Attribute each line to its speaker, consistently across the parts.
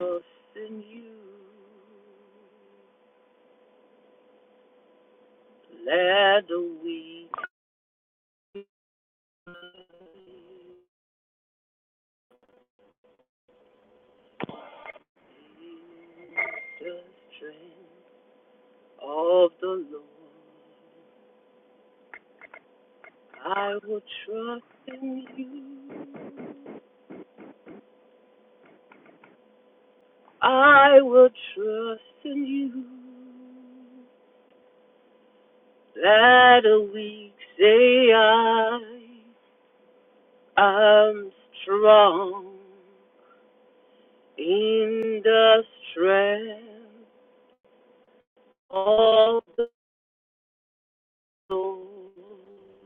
Speaker 1: Trust in you. Let the weak the strength of the Lord. I will trust in you. I will trust in you. Let the weak say I am strong in the strength of the Lord.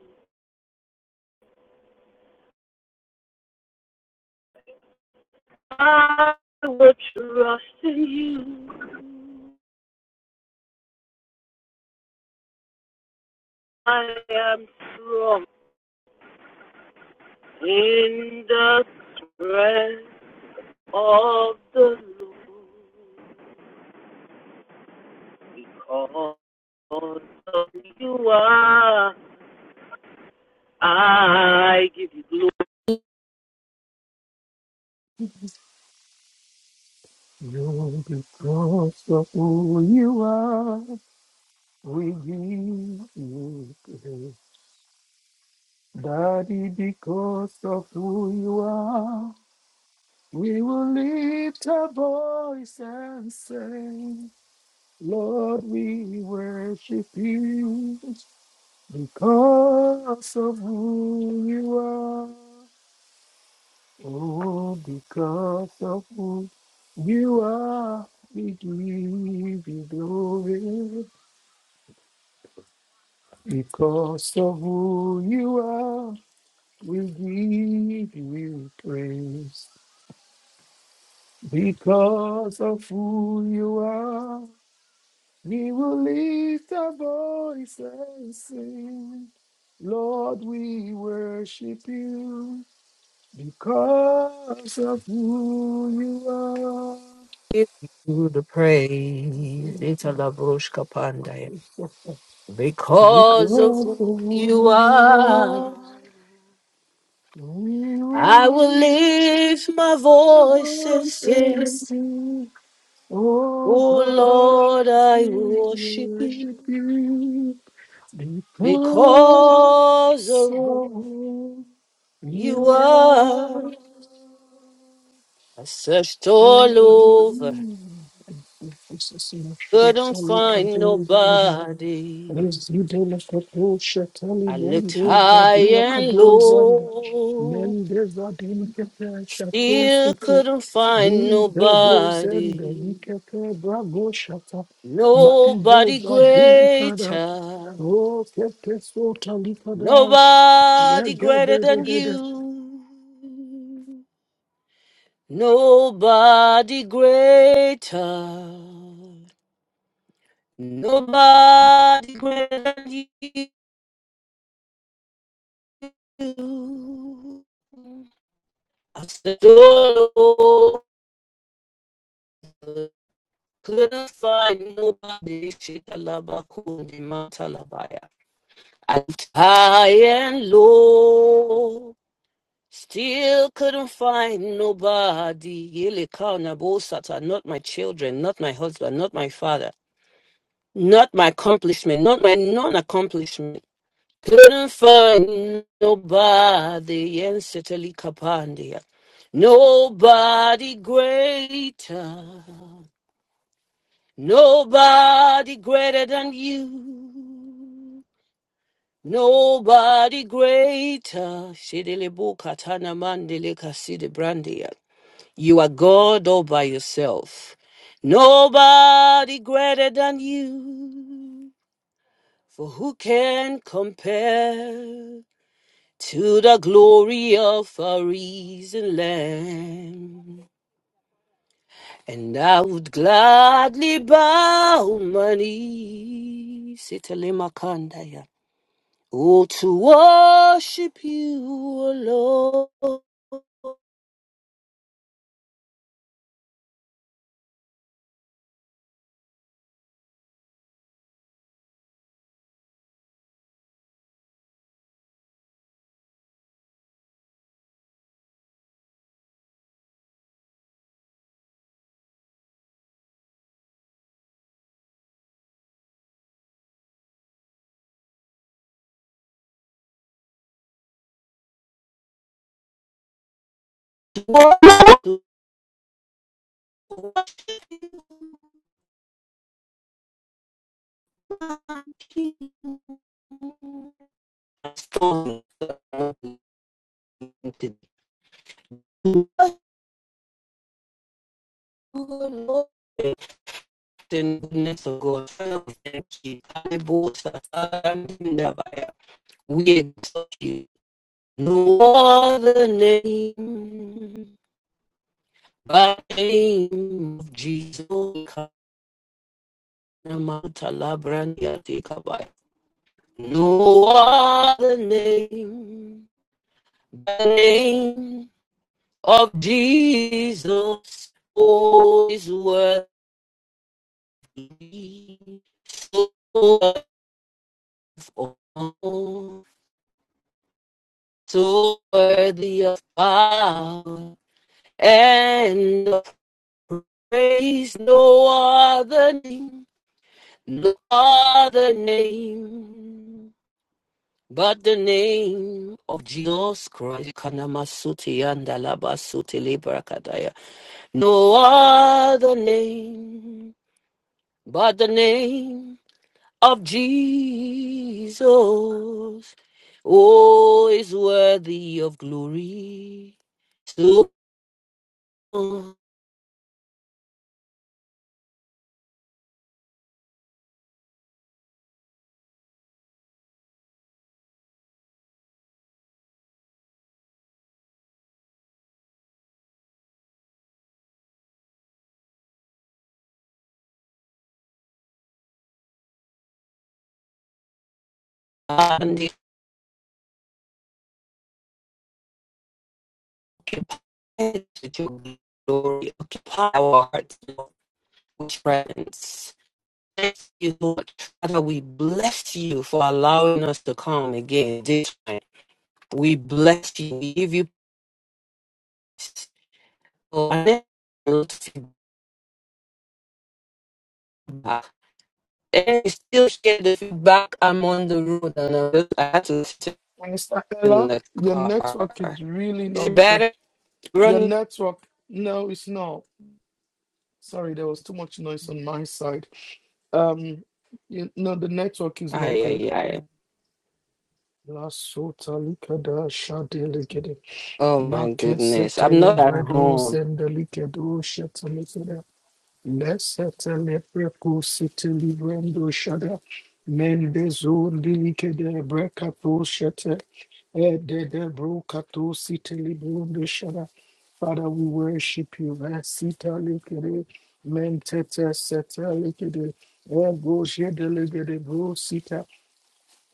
Speaker 1: I will trust in you. I am strong in the strength of the Lord. Because of you are, I give you glory.
Speaker 2: you because of who you are, we give you praise. Daddy, because of who you are, we will lift our voice and say, Lord, we worship you because of who you are. Oh, because of who you are, we give you glory. Because of who you are, we give you praise. Because of who you are, we will lift our voice and sing. Lord, we worship you because of who you are.
Speaker 1: You the praise, Italabushka Pandaya. Because of
Speaker 2: Because of
Speaker 1: who you
Speaker 2: who you are,
Speaker 1: are,
Speaker 2: we will
Speaker 1: I will
Speaker 2: lift
Speaker 1: lift my
Speaker 2: our
Speaker 1: voice and
Speaker 2: voice
Speaker 1: say,
Speaker 2: and sing. Oh
Speaker 1: Oh
Speaker 2: God,
Speaker 1: Lord, I
Speaker 2: we
Speaker 1: worship you
Speaker 2: worship you because
Speaker 1: because of who
Speaker 2: of
Speaker 1: you
Speaker 2: you
Speaker 1: are.
Speaker 2: are
Speaker 1: I searched all over,
Speaker 2: amazing. This
Speaker 1: couldn't find nobody.
Speaker 2: Zidela kato shatali
Speaker 1: I looked
Speaker 2: mendo
Speaker 1: high
Speaker 2: zadila
Speaker 1: and
Speaker 2: kado zanda.
Speaker 1: low,
Speaker 2: Mende zadin kete shato
Speaker 1: still
Speaker 2: sete.
Speaker 1: couldn't find
Speaker 2: Linde do zende
Speaker 1: nobody.
Speaker 2: likete brago shata. Maide
Speaker 1: Nobody
Speaker 2: zadin ikada.
Speaker 1: greater.
Speaker 2: O kete sota likadash.
Speaker 1: Nobody
Speaker 2: Yege
Speaker 1: greater
Speaker 2: de de
Speaker 1: than
Speaker 2: de de.
Speaker 1: you. Nobody greater. Nobody greater than you. I said, oh, Lord, couldn't find nobody. Shikalaba kundi matalabaya. I looked high and low. Still couldn't find nobody. Yelekana Bosata, not my children, not my husband, not my father, not my accomplishment, not my non accomplishment. Couldn't find nobody. Yenseteli Kapandia. Nobody greater. Nobody greater than you. Nobody greater. Shidele Bukatana Mandele Kasidi You are God all by yourself. Nobody greater than you. For who can compare to the glory of our risen Lamb? And I would gladly bow my knees, Italimakandaya, oh, to worship you alone. Storm the Lord and goodness of God. I boast that I We exalt you. No other name but the name of Jesus. No other name but the name of Jesus who is worthy, so worthy of all, so worthy of power and of praise, no other name, no other name. But the name of Jesus Christ, Kanamasuti and Alabasuti Librakadaya. No other name but the name of Jesus. Oh, is worthy of glory. So and it occupies with your glory, occupy our hearts, Lord, with friends. Thank you, Lord. Father, we bless you for allowing us to come again this time. We bless you. We give you praise. Oh, and then we'll take And you still share the feedback. I'm on the road and I, I had to listen
Speaker 2: Mr.
Speaker 1: in
Speaker 2: Ella,
Speaker 1: the
Speaker 2: your network is
Speaker 1: car.
Speaker 2: really
Speaker 1: Is
Speaker 2: not
Speaker 1: it
Speaker 2: good.
Speaker 1: better?
Speaker 2: Your
Speaker 1: Run.
Speaker 2: network, no, it's not. Sorry, there was too much noise on my side. Um, you know, the network is not
Speaker 1: Ay,
Speaker 2: good.
Speaker 1: ay, ay.
Speaker 2: La sota likada shade likede.
Speaker 1: Oh my
Speaker 2: Marquez
Speaker 1: goodness. I'm
Speaker 2: setele
Speaker 1: not at
Speaker 2: bredo
Speaker 1: home.
Speaker 2: Leseteleprekusetelebrendo shada. Mendezo delicate brecato shete. Edebrocato sitelebrendo shada. Father, we worship you. Asita licade. Mentete sete licade. Ego jede ligede bro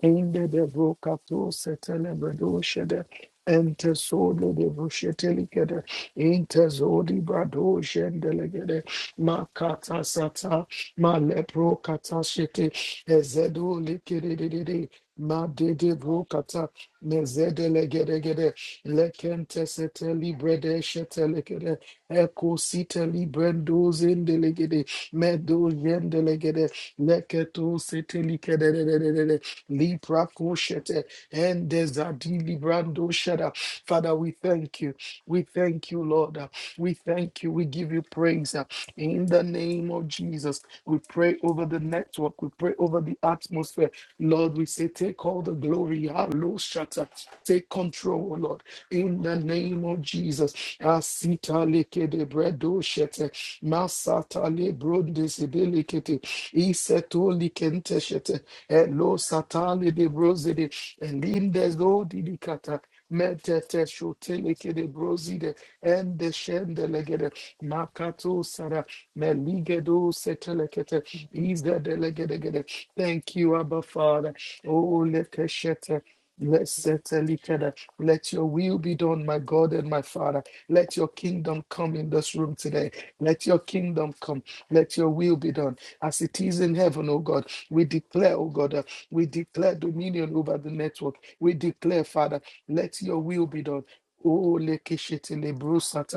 Speaker 2: Ende de brocato setele bredoshede. Ente solo de brushetelikede. Inte zodi brado shendelegede. Makata sata. Male brocata shete. Ezedo likedede. Ma de de brocata. Mezede legedegede. Lekente seteli brede shetelegede. Eko siteli brendo zendelegede. Medo yendelegede. Leketo seteli kedede. Libra Koshete, and Zadili Brando Shada. Father, we thank you. We thank you, Lord. We thank you. We give you praise. In the name of Jesus, we pray over the network. We pray over the atmosphere. Lord, we say, take all the glory. Hello, Shatter. Take control, Lord. In the name of Jesus. Asita leke de bredo shete. Masata le bronde sedelikete. Iseto likente shete. Elo satali de brozide. Elimdes do didikata. Metete shoteleke de brozide. Ende shendelegede. Makato sara. Meligedo setelekete. Izedelegedegede. Thank you, Abba Father. Oh, lekeshete. Let's settle it. Let your will be done, my God and my Father. Let your kingdom come in this room today. Let your kingdom come. Let your will be done as it is in heaven, O God. We declare, oh God, uh, we declare dominion over the network. We declare, Father, let your will be done. Oh, lekeshete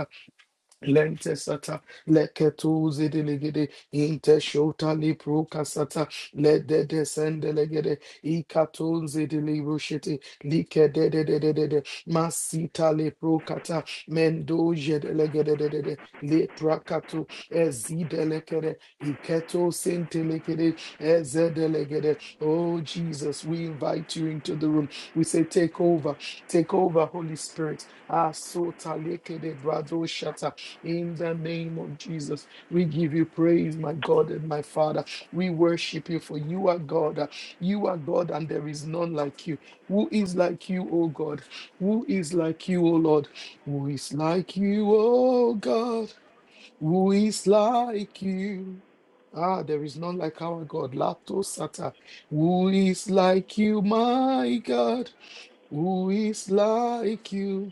Speaker 2: Lente sata leketu zidiligidi inte shota lipru kasata le de de sendelegede ikatun zidilibu shiti like de de de de de de masita lipru kata mendo jedelegede de de de leprakatu ezidelekede iketo sintelegede ezedelegede Oh Jesus, we invite you into the room. We say take over, take over Holy Spirit. Ah sota lekede brado shata in the name of Jesus, we give you praise, my God and my Father. We worship you, for you are God. You are God, and there is none like you. Who is like you, O God? Who is like you, O Lord? Who is like you, O God? Who is like you? Ah, there is none like our God. Lato Sata. Who is like you, my God? Who is like you?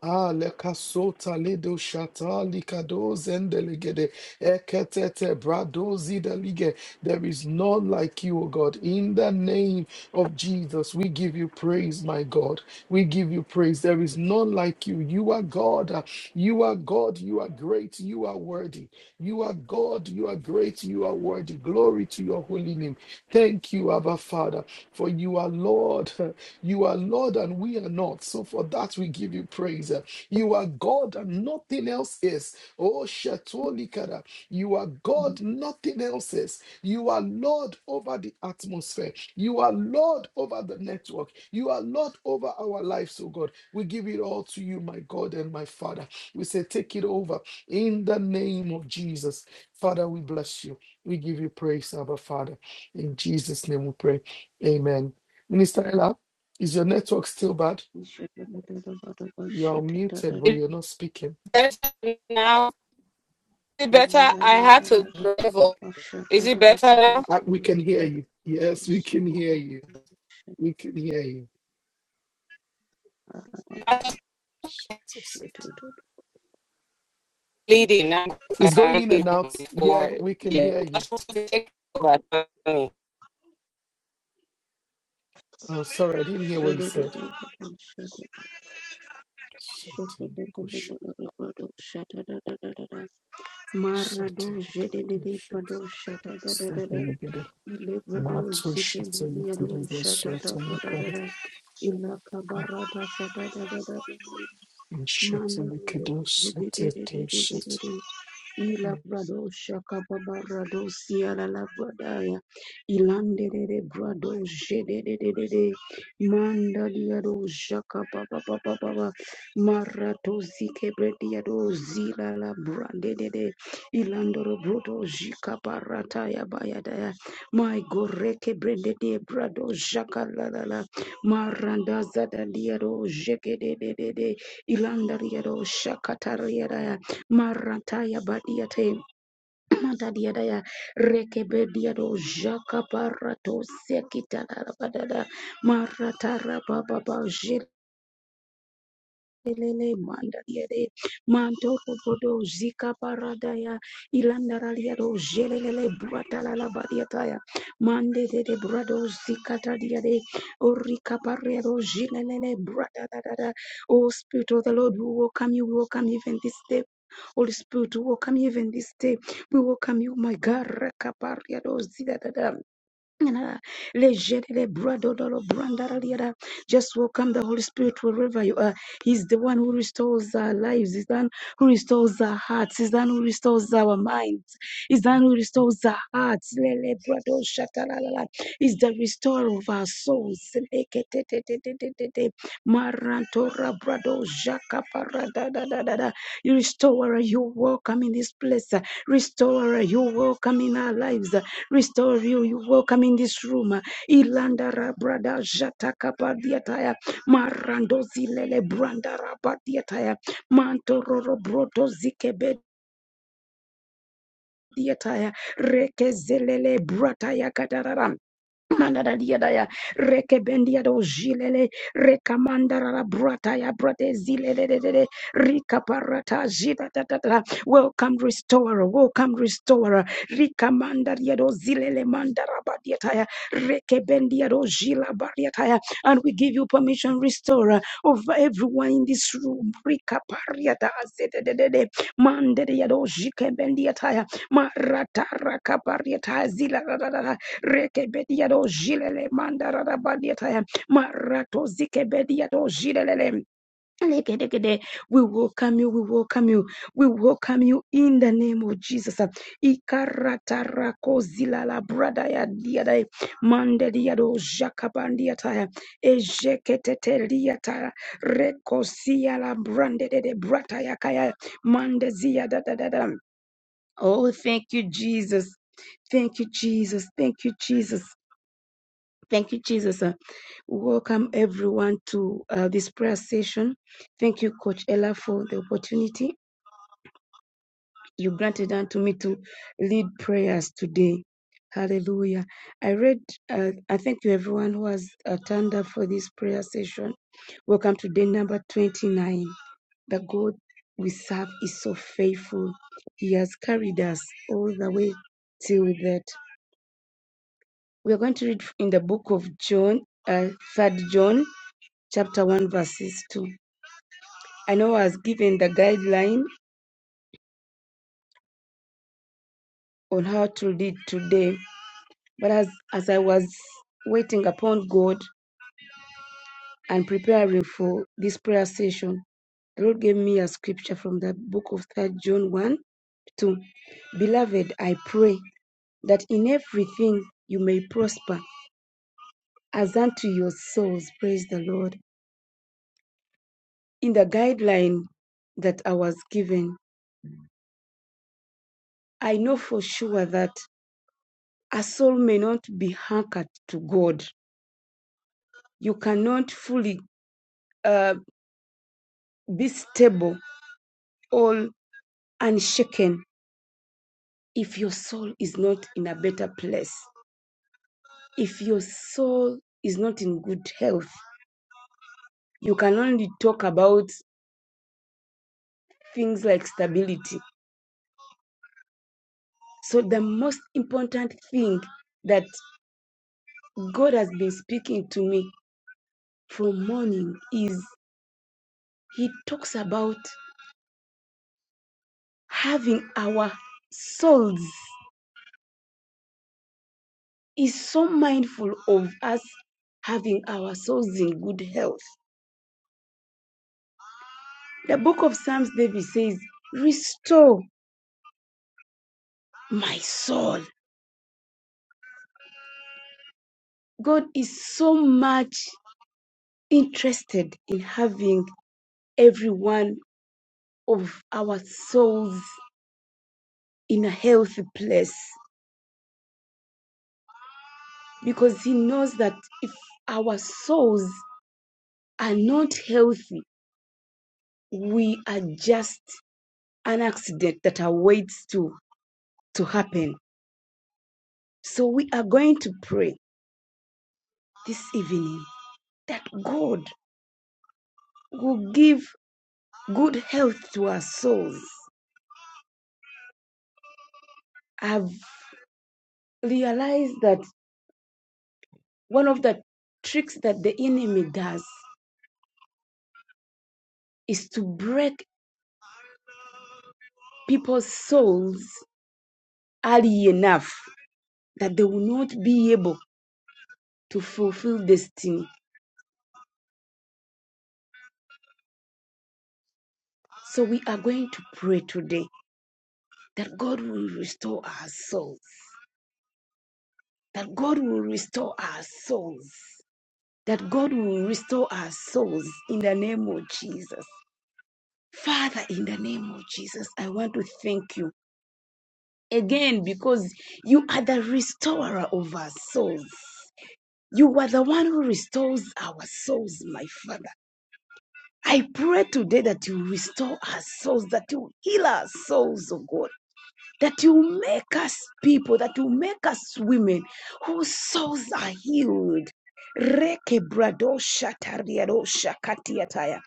Speaker 2: Ah, lekasota ledo shata likado zendelegede eketete brado zidalige. There is none like you, O God. In the name of Jesus, we give you praise, my God. We give you praise. There is none like you. You are God. You are God. You are great. You are worthy. You are God. You are great. You are worthy. Glory to your holy name. Thank you, Abba Father, for you are Lord. You are Lord and we are not. So for that we give you praise. You are God and nothing else is. Oh Shatolikara. You are God, nothing else is. You are Lord over the atmosphere. You are Lord over the network. You are Lord over our lives, oh God. We give it all to you, my God and my Father. We say, take it over in the name of Jesus. Father, we bless you. We give you praise, Abba Father. In Jesus' name we pray. Amen. Minister Ella, is your network still bad?
Speaker 3: Mando
Speaker 2: You're muted, but
Speaker 1: Is
Speaker 2: you're not speaking.
Speaker 1: it better now? Is it better? I had to drive up. Is it better now?
Speaker 2: I, we can hear you. Yes, we can hear you. We can hear you.
Speaker 1: I'm just
Speaker 2: Jesus.
Speaker 1: bleeding. I'm I
Speaker 2: It's going
Speaker 1: can't
Speaker 2: in
Speaker 1: leave
Speaker 2: and
Speaker 1: home
Speaker 2: out. Yeah,
Speaker 1: before.
Speaker 2: we can
Speaker 1: Yeah.
Speaker 2: hear you.
Speaker 1: That's supposed to take over.
Speaker 2: Oh, sorry, I didn't hear what you said. Shatanakush. Shatanakush. Shatanakada. Mato shatanakada. Shatanakada. Shatanakada. Shatanakada.
Speaker 3: Ilabrado Shakababarado Siala Labradaya Ilandere Brado Jedede Manda Diado Shakabababa Marato Zikebrediado Zila Labrandede Ilandoro Brodo Jikabarataya Bayadaya My Goreke brende de Brado Shakalala Maranda Zada Diado Jekedede Ilandariado Shakatariadaya Marataya badiate matadiadaya rekebediado jaka barato sekitara badada maratara bababa Lele mandariere manto podo zika parada ya ilandaralia do jelelele brata la la bariata ya mande de de brado zika tadia de orika paria do jelelele brata da da da oh spirit of the lord we welcome you we welcome you even this day Holy Spirit, we welcome you even this day. We welcome you, my God. Rakaparia do zida da da. Just welcome the Holy Spirit wherever you are. He's the one who restores our lives. He's the one who restores our hearts. He's the one who restores our minds. He's the one who restores our hearts. Lele brado shatalalala. He's the restorer of our souls. Leketetetetetete. Marantora brado jakaparadadadadada. You restorer, you welcome in this place. Restorer, you welcome in our lives. Restore you. You welcome in this room. uh, Ilanda Rabrada Jataka Badiataya. Marando Zilele Branda Rabadiataya. Mantororo Broto Zikebe. Diataya, Reke Zelele Brataya kadarara. Mandara dia daya rekebendia do jilele rekamandara la brata ya brate zilele de de de rika parata ta ta ta welcome restorer welcome restorer rikamandaria do zilele mandara badia taya rekebendia do jila badia taya and we give you permission restorer over everyone in this room rika pariata azede de de de mandaria do jikebendia taya marata rakaparia taya zila rekebedia jilele mandarada badiataya marato zikebedia do We welcome you, we welcome you, we welcome you in the name of Jesus. Ikaratarako zilala brada ya diadai mande diado jakabandiataya ejeketeteriatara rekosia la brande de brata ya kaya mande zia da da da da. Oh, thank you, Jesus. Thank you, Jesus. Thank you, Jesus. Thank you, Jesus. Uh, Welcome everyone to uh, this prayer session. Thank you, Coach Ella, for the opportunity you granted unto me to lead prayers today. Hallelujah. I read, uh, I thank you, everyone who has uh, turned up for this prayer session. Welcome to day number 29. The God we serve is so faithful. He has carried us all the way till that. We are going to read in the book of John, uh, 3 John chapter 1 verses 2. I know I was given the guideline on how to lead today, but as, as I was waiting upon God and preparing for this prayer session, the Lord gave me a scripture from the book of Third John 1 2. Beloved, I pray that in everything you may prosper as unto your souls. Praise the Lord. In the guideline that I was given, I know for sure that a soul may not be anchored to God you cannot fully uh, be stable or unshaken if your soul is not in a better place. If your soul is not in good health, you can only talk about things like stability. So, the most important thing that God has been speaking to me from morning is He talks about having our souls is so mindful of us having our souls in good health. The book of Psalms, David says, Restore my soul. God is so much interested in having every one of our souls in a healthy place because He knows that if our souls are not healthy, we are just an accident that awaits to, to happen. So we are going to pray this evening that God will give good health to our souls. I've realized that one of the tricks that the enemy does is to break people's souls early enough that they will not be able to fulfill destiny. So we are going to pray today that God will restore our souls. That God will restore our souls. That God will restore our souls in the name of Jesus. Father, in the name of Jesus, I want to thank you again because you are the restorer of our souls. You are the one who restores our souls, my Father. I pray today that you restore our souls, that you heal our souls, oh God that you make us people, that you make us women whose souls are healed. Reke brado shataria do shakatiataya.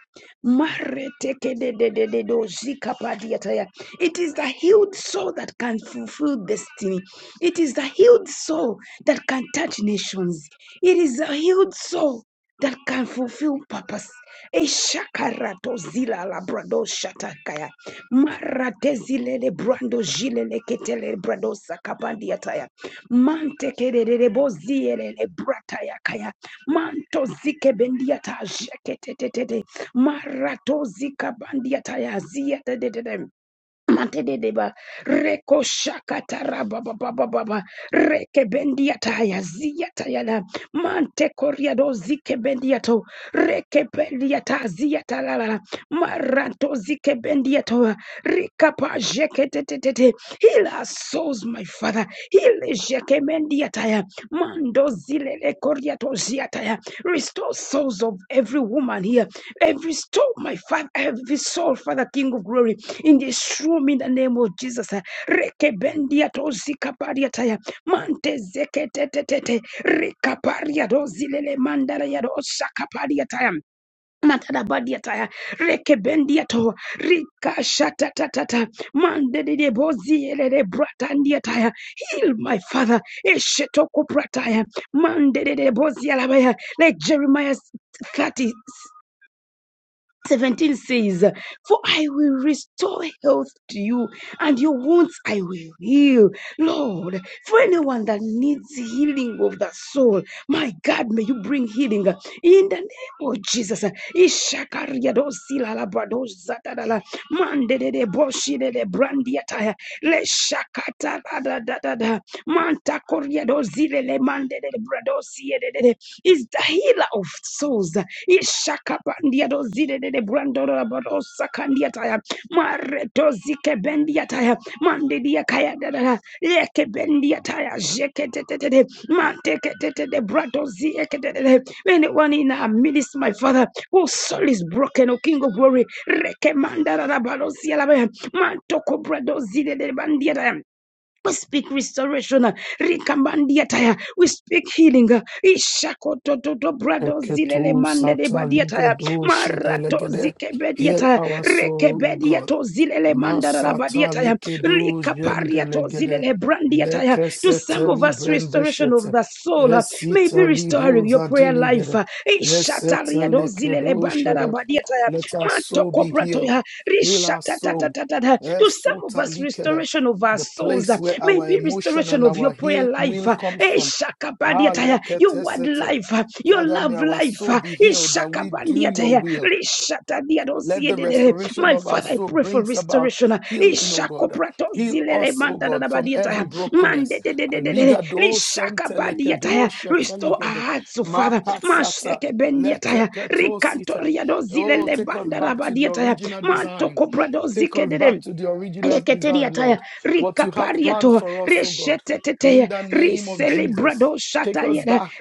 Speaker 3: de de de de do zikapadiataya. It is the healed soul that can fulfill destiny. It is the healed soul that can touch nations. It is the healed soul that can fulfill purpose. Eshakarato zila labrado shatakaya maratezilele brando jilele ketele brado sakabandi ataya mante kerere le brataya kaya manto zike bendiata jeketetete marato zika bandiata ya zia Matedeba reko shakatara baba baba baba reke bendia taya zia taya la mante koria do zike bendia to reke bendia ta zia ta la la maranto zike bendia to rika pa jeke te te te te heal our souls my father heal jeke bendia taya mando zile le koria to zia taya restore souls of every woman here every soul, my Father, every soul, Father, King of glory, in this room, in the name of Jesus. uh, Rekebendia tozika paria taya, mante zeketetetete, rikaparia dozilele mandala ya dozaka paria taya. Matada badia taya, reke rekebendia to, rika shata tatata, mande de bozi elele bratandia taya, heal my father, eshetoko prataya, mande de bozi alabaya, like Jeremiah 30, 17 says, For I will restore health to you, and your wounds I will heal. Lord, for anyone that needs healing of the soul, my God, may you bring healing in the name of Jesus. Ishakariadosilalabadozatadala, is the healer of souls. Ishakabandia dozide de brandora barosakandia taya. Maretozike bendia taya. Mandidia kaya dada. leke bendia taya. Jeke tetete. Manteke tetete. Bradozi eke tetete. Anyone in our midst, my father, whose soul is broken, O King of glory. Rekemanda rabarosi alabaya. Mantoko bradozi de bandia taya. We speak restoration. uh, Rikamandiataya. We speak healing. uh, Ishakototo brado zilele
Speaker 2: Eketu
Speaker 3: mande de badiataya.
Speaker 2: sataligedo
Speaker 3: Marato
Speaker 2: shedelegede. Heal
Speaker 3: zikebediataya.
Speaker 2: our soul, O God.
Speaker 3: Rekebediato zilele mandara la badiataya.
Speaker 2: Masatalekedo
Speaker 3: Likapariato
Speaker 2: jendelegede.
Speaker 3: zilele brandiataya. To some of
Speaker 2: Lekeseteli
Speaker 3: us, restoration of
Speaker 2: brendeshete.
Speaker 3: the soul uh, may be
Speaker 2: Esitalido
Speaker 3: restoring your prayer life.
Speaker 2: zadiligede.
Speaker 3: uh, Ishatariado zilele
Speaker 2: Esetelekedo
Speaker 3: bandara
Speaker 2: shede.
Speaker 3: badiataya.
Speaker 2: Let our soul be healed.
Speaker 3: Mantokobratoya,
Speaker 2: Heal our soul.
Speaker 3: rishatatatata. To some of us,
Speaker 2: Esotalikede.
Speaker 3: restoration of our
Speaker 2: The
Speaker 3: souls,
Speaker 2: place
Speaker 3: uh,
Speaker 2: where our
Speaker 3: maybe
Speaker 2: emotion
Speaker 3: restoration
Speaker 2: and
Speaker 3: of your
Speaker 2: our
Speaker 3: prayer
Speaker 2: heal
Speaker 3: life.
Speaker 2: will
Speaker 3: uh,
Speaker 2: come from. Ah,
Speaker 3: eshakabadiataya, Your word
Speaker 2: leketesete.
Speaker 3: life, uh, your
Speaker 2: Father, may
Speaker 3: love
Speaker 2: our
Speaker 3: life.
Speaker 2: soul
Speaker 3: uh,
Speaker 2: be healed that we do your
Speaker 3: ishakabandiataya,
Speaker 2: will.
Speaker 3: rishatadiadosia.
Speaker 2: Let the restoration
Speaker 3: My
Speaker 2: of our
Speaker 3: Father, I
Speaker 2: soul
Speaker 3: pray for
Speaker 2: brings about
Speaker 3: restoration.
Speaker 2: healing, O God.
Speaker 3: Ishakoprato
Speaker 2: Heal
Speaker 3: zilele
Speaker 2: us, O
Speaker 3: manda
Speaker 2: God, from every
Speaker 3: Mande
Speaker 2: brokenness.
Speaker 3: de de de de de.
Speaker 2: Aligado
Speaker 3: Rishaka
Speaker 2: sentelekedo
Speaker 3: badiata. Restore our
Speaker 2: sheteligede
Speaker 3: hearts, O Father.
Speaker 2: makasata
Speaker 3: Masheke bendiata.
Speaker 2: leteketo sita.
Speaker 3: Rikantoria do
Speaker 2: Oh,
Speaker 3: zilele
Speaker 2: take us
Speaker 3: banda da
Speaker 2: back to the
Speaker 3: badiata.
Speaker 2: original
Speaker 3: Manto
Speaker 2: design.
Speaker 3: kobrado
Speaker 2: Take
Speaker 3: zike
Speaker 2: us
Speaker 3: de
Speaker 2: back to the original design,
Speaker 3: Leketeriataya,
Speaker 2: Lord. What you have planned
Speaker 3: Rikapariato,
Speaker 2: for us, O God. In
Speaker 3: Reshetetete,
Speaker 2: the name of Jesus,
Speaker 3: Riselebrado
Speaker 2: take us
Speaker 3: Shatayana,
Speaker 2: back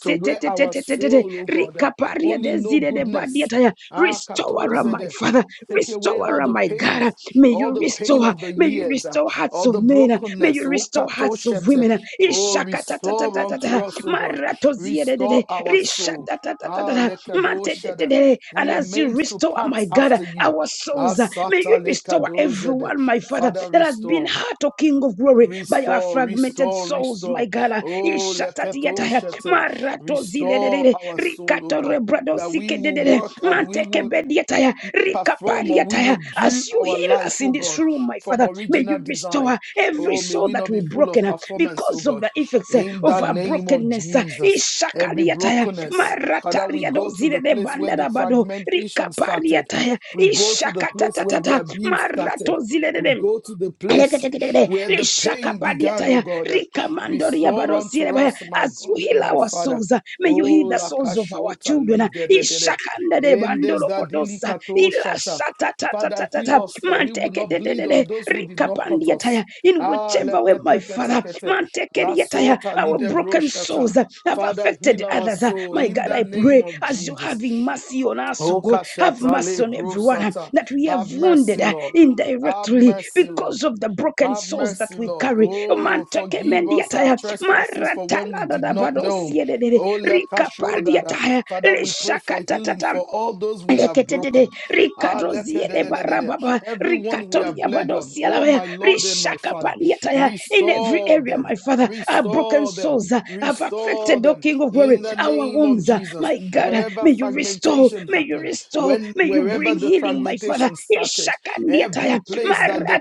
Speaker 2: to where our soul, O God,
Speaker 3: Rikaparia
Speaker 2: only know
Speaker 3: desire de Zide de
Speaker 2: goodness Ah,
Speaker 3: Restore, my
Speaker 2: Katozede.
Speaker 3: Father.
Speaker 2: Take away
Speaker 3: Restore
Speaker 2: all
Speaker 3: her,
Speaker 2: the
Speaker 3: my
Speaker 2: pain,
Speaker 3: God. May
Speaker 2: all
Speaker 3: you
Speaker 2: the pain
Speaker 3: restore.
Speaker 2: of the
Speaker 3: May you
Speaker 2: years, ah,
Speaker 3: restore hearts
Speaker 2: all the
Speaker 3: of men. May you
Speaker 2: brokenness. Oh,
Speaker 3: restore hearts of
Speaker 2: Katoshete.
Speaker 3: women.
Speaker 2: Oh, restore unto
Speaker 3: Ishakatatatatata.
Speaker 2: us, oh God. Restore
Speaker 3: Maratoziedede.
Speaker 2: our soul. Ah,
Speaker 3: Rishatatatatata.
Speaker 2: Lekadoshede.
Speaker 3: Matedede. And
Speaker 2: We are
Speaker 3: as you
Speaker 2: made to
Speaker 3: restore,
Speaker 2: pant
Speaker 3: my God,
Speaker 2: after you.
Speaker 3: our
Speaker 2: Ah,
Speaker 3: souls, may
Speaker 2: Sata
Speaker 3: you restore
Speaker 2: Lekadoshede.
Speaker 3: everyone, my Father,
Speaker 2: Father,
Speaker 3: that has been
Speaker 2: restore,
Speaker 3: hurt, O King of Glory, by our
Speaker 2: restore,
Speaker 3: fragmented
Speaker 2: restore,
Speaker 3: souls, my
Speaker 2: restore.
Speaker 3: God.
Speaker 2: Oh,
Speaker 3: Ishatatiata
Speaker 2: Leketoshete.
Speaker 3: marato
Speaker 2: Restore
Speaker 3: zilelele
Speaker 2: our soul, oh
Speaker 3: rikato
Speaker 2: God
Speaker 3: rebrado
Speaker 2: that we will
Speaker 3: sikedede
Speaker 2: work and we
Speaker 3: manteke
Speaker 2: will
Speaker 3: bediataya
Speaker 2: perform or we will
Speaker 3: rikapariataya
Speaker 2: do
Speaker 3: as you
Speaker 2: our
Speaker 3: heal us
Speaker 2: life, oh
Speaker 3: in this
Speaker 2: God,
Speaker 3: room my
Speaker 2: from
Speaker 3: father may
Speaker 2: original
Speaker 3: you restore
Speaker 2: design.
Speaker 3: every
Speaker 2: Oh, may
Speaker 3: soul
Speaker 2: we
Speaker 3: that
Speaker 2: not
Speaker 3: we
Speaker 2: be full of
Speaker 3: broken uh,
Speaker 2: performance, oh
Speaker 3: because of
Speaker 2: God.
Speaker 3: the effects uh,
Speaker 2: In the
Speaker 3: of our
Speaker 2: name of
Speaker 3: brokenness uh,
Speaker 2: Jesus, every
Speaker 3: ishakariataya
Speaker 2: brokenness, Father, we
Speaker 3: maratariado
Speaker 2: go to the
Speaker 3: zilele
Speaker 2: place where the
Speaker 3: bandada bado
Speaker 2: fragmentation started.
Speaker 3: rikapariataya
Speaker 2: We go to the place where the
Speaker 3: ishakatatata
Speaker 2: abuse started.
Speaker 3: marato
Speaker 2: We
Speaker 3: zilelele
Speaker 2: go to the place
Speaker 3: Leketeketekete,
Speaker 2: where the pain began, oh
Speaker 3: lishakapadiataya,
Speaker 2: God.
Speaker 3: rikamandoria
Speaker 2: Restore unto
Speaker 3: barosierebaya.
Speaker 2: us, my
Speaker 3: As you
Speaker 2: God and
Speaker 3: heal
Speaker 2: my
Speaker 3: our
Speaker 2: Father.
Speaker 3: souls, uh, may you heal
Speaker 2: Oh,
Speaker 3: the
Speaker 2: la
Speaker 3: souls of our
Speaker 2: kashota
Speaker 3: children. uh,
Speaker 2: ligedegede.
Speaker 3: ishakandede
Speaker 2: Endes da
Speaker 3: bandoropotosa,
Speaker 2: dilikato shata. Father, heal
Speaker 3: ilashatatatata,
Speaker 2: us that we will not bleed on
Speaker 3: manteketetetete,
Speaker 2: those who did not cut us.
Speaker 3: rikapandiataya, In
Speaker 2: Ah,
Speaker 3: whichever way, my Father,
Speaker 2: leketeketekete. La sota
Speaker 3: our
Speaker 2: lidebro
Speaker 3: broken broken
Speaker 2: shata.
Speaker 3: souls uh, have
Speaker 2: Father,
Speaker 3: affected
Speaker 2: heal our
Speaker 3: others. uh,
Speaker 2: soul
Speaker 3: My
Speaker 2: in
Speaker 3: God,
Speaker 2: the
Speaker 3: I
Speaker 2: name
Speaker 3: pray
Speaker 2: of
Speaker 3: as you're
Speaker 2: Jesus.
Speaker 3: having mercy on us, oh
Speaker 2: Oh,
Speaker 3: God, have
Speaker 2: kashata
Speaker 3: mercy
Speaker 2: le
Speaker 3: on everyone uh,
Speaker 2: prosata.
Speaker 3: that we have
Speaker 2: Have
Speaker 3: wounded
Speaker 2: mercy,
Speaker 3: uh,
Speaker 2: Lord. Have
Speaker 3: indirectly
Speaker 2: mercy, Lord.
Speaker 3: because of the broken
Speaker 2: Have
Speaker 3: souls that
Speaker 2: mercy,
Speaker 3: we
Speaker 2: Lord.
Speaker 3: carry.
Speaker 2: Oh, forgive us our
Speaker 3: Mantekemendiataya,
Speaker 2: trespasses for when we did not know.
Speaker 3: marataladadabadosie dedede,
Speaker 2: Oh, let us show that. uh,
Speaker 3: rikapaliataya,
Speaker 2: Father, we pray for healing
Speaker 3: lishakatatatamba.
Speaker 2: for all those we have
Speaker 3: Leketete,
Speaker 2: broken. Ah, leke
Speaker 3: Rikadozie
Speaker 2: de de de de de.
Speaker 3: Barababa,
Speaker 2: Everyone we have
Speaker 3: Rikatoria
Speaker 2: bled on.
Speaker 3: Badosia
Speaker 2: Oh,
Speaker 3: Lavaya,
Speaker 2: my Lord and my
Speaker 3: Rishaka
Speaker 2: Father,
Speaker 3: Pandiataya. In every
Speaker 2: restore
Speaker 3: area,
Speaker 2: them,
Speaker 3: my Father, our broken
Speaker 2: restore them.
Speaker 3: souls uh, have
Speaker 2: Restore
Speaker 3: affected, O
Speaker 2: them
Speaker 3: King of Glory,
Speaker 2: in the
Speaker 3: our
Speaker 2: name of
Speaker 3: homes. uh,
Speaker 2: Jesus.
Speaker 3: My God, uh,
Speaker 2: Wherever
Speaker 3: may you restore,
Speaker 2: fragmentation
Speaker 3: may you
Speaker 2: happened,
Speaker 3: restore,
Speaker 2: when
Speaker 3: may you
Speaker 2: wherever
Speaker 3: bring
Speaker 2: the
Speaker 3: healing, my Father.
Speaker 2: fragmentation started,
Speaker 3: Ishaka
Speaker 2: every
Speaker 3: Ndiataya,
Speaker 2: place that the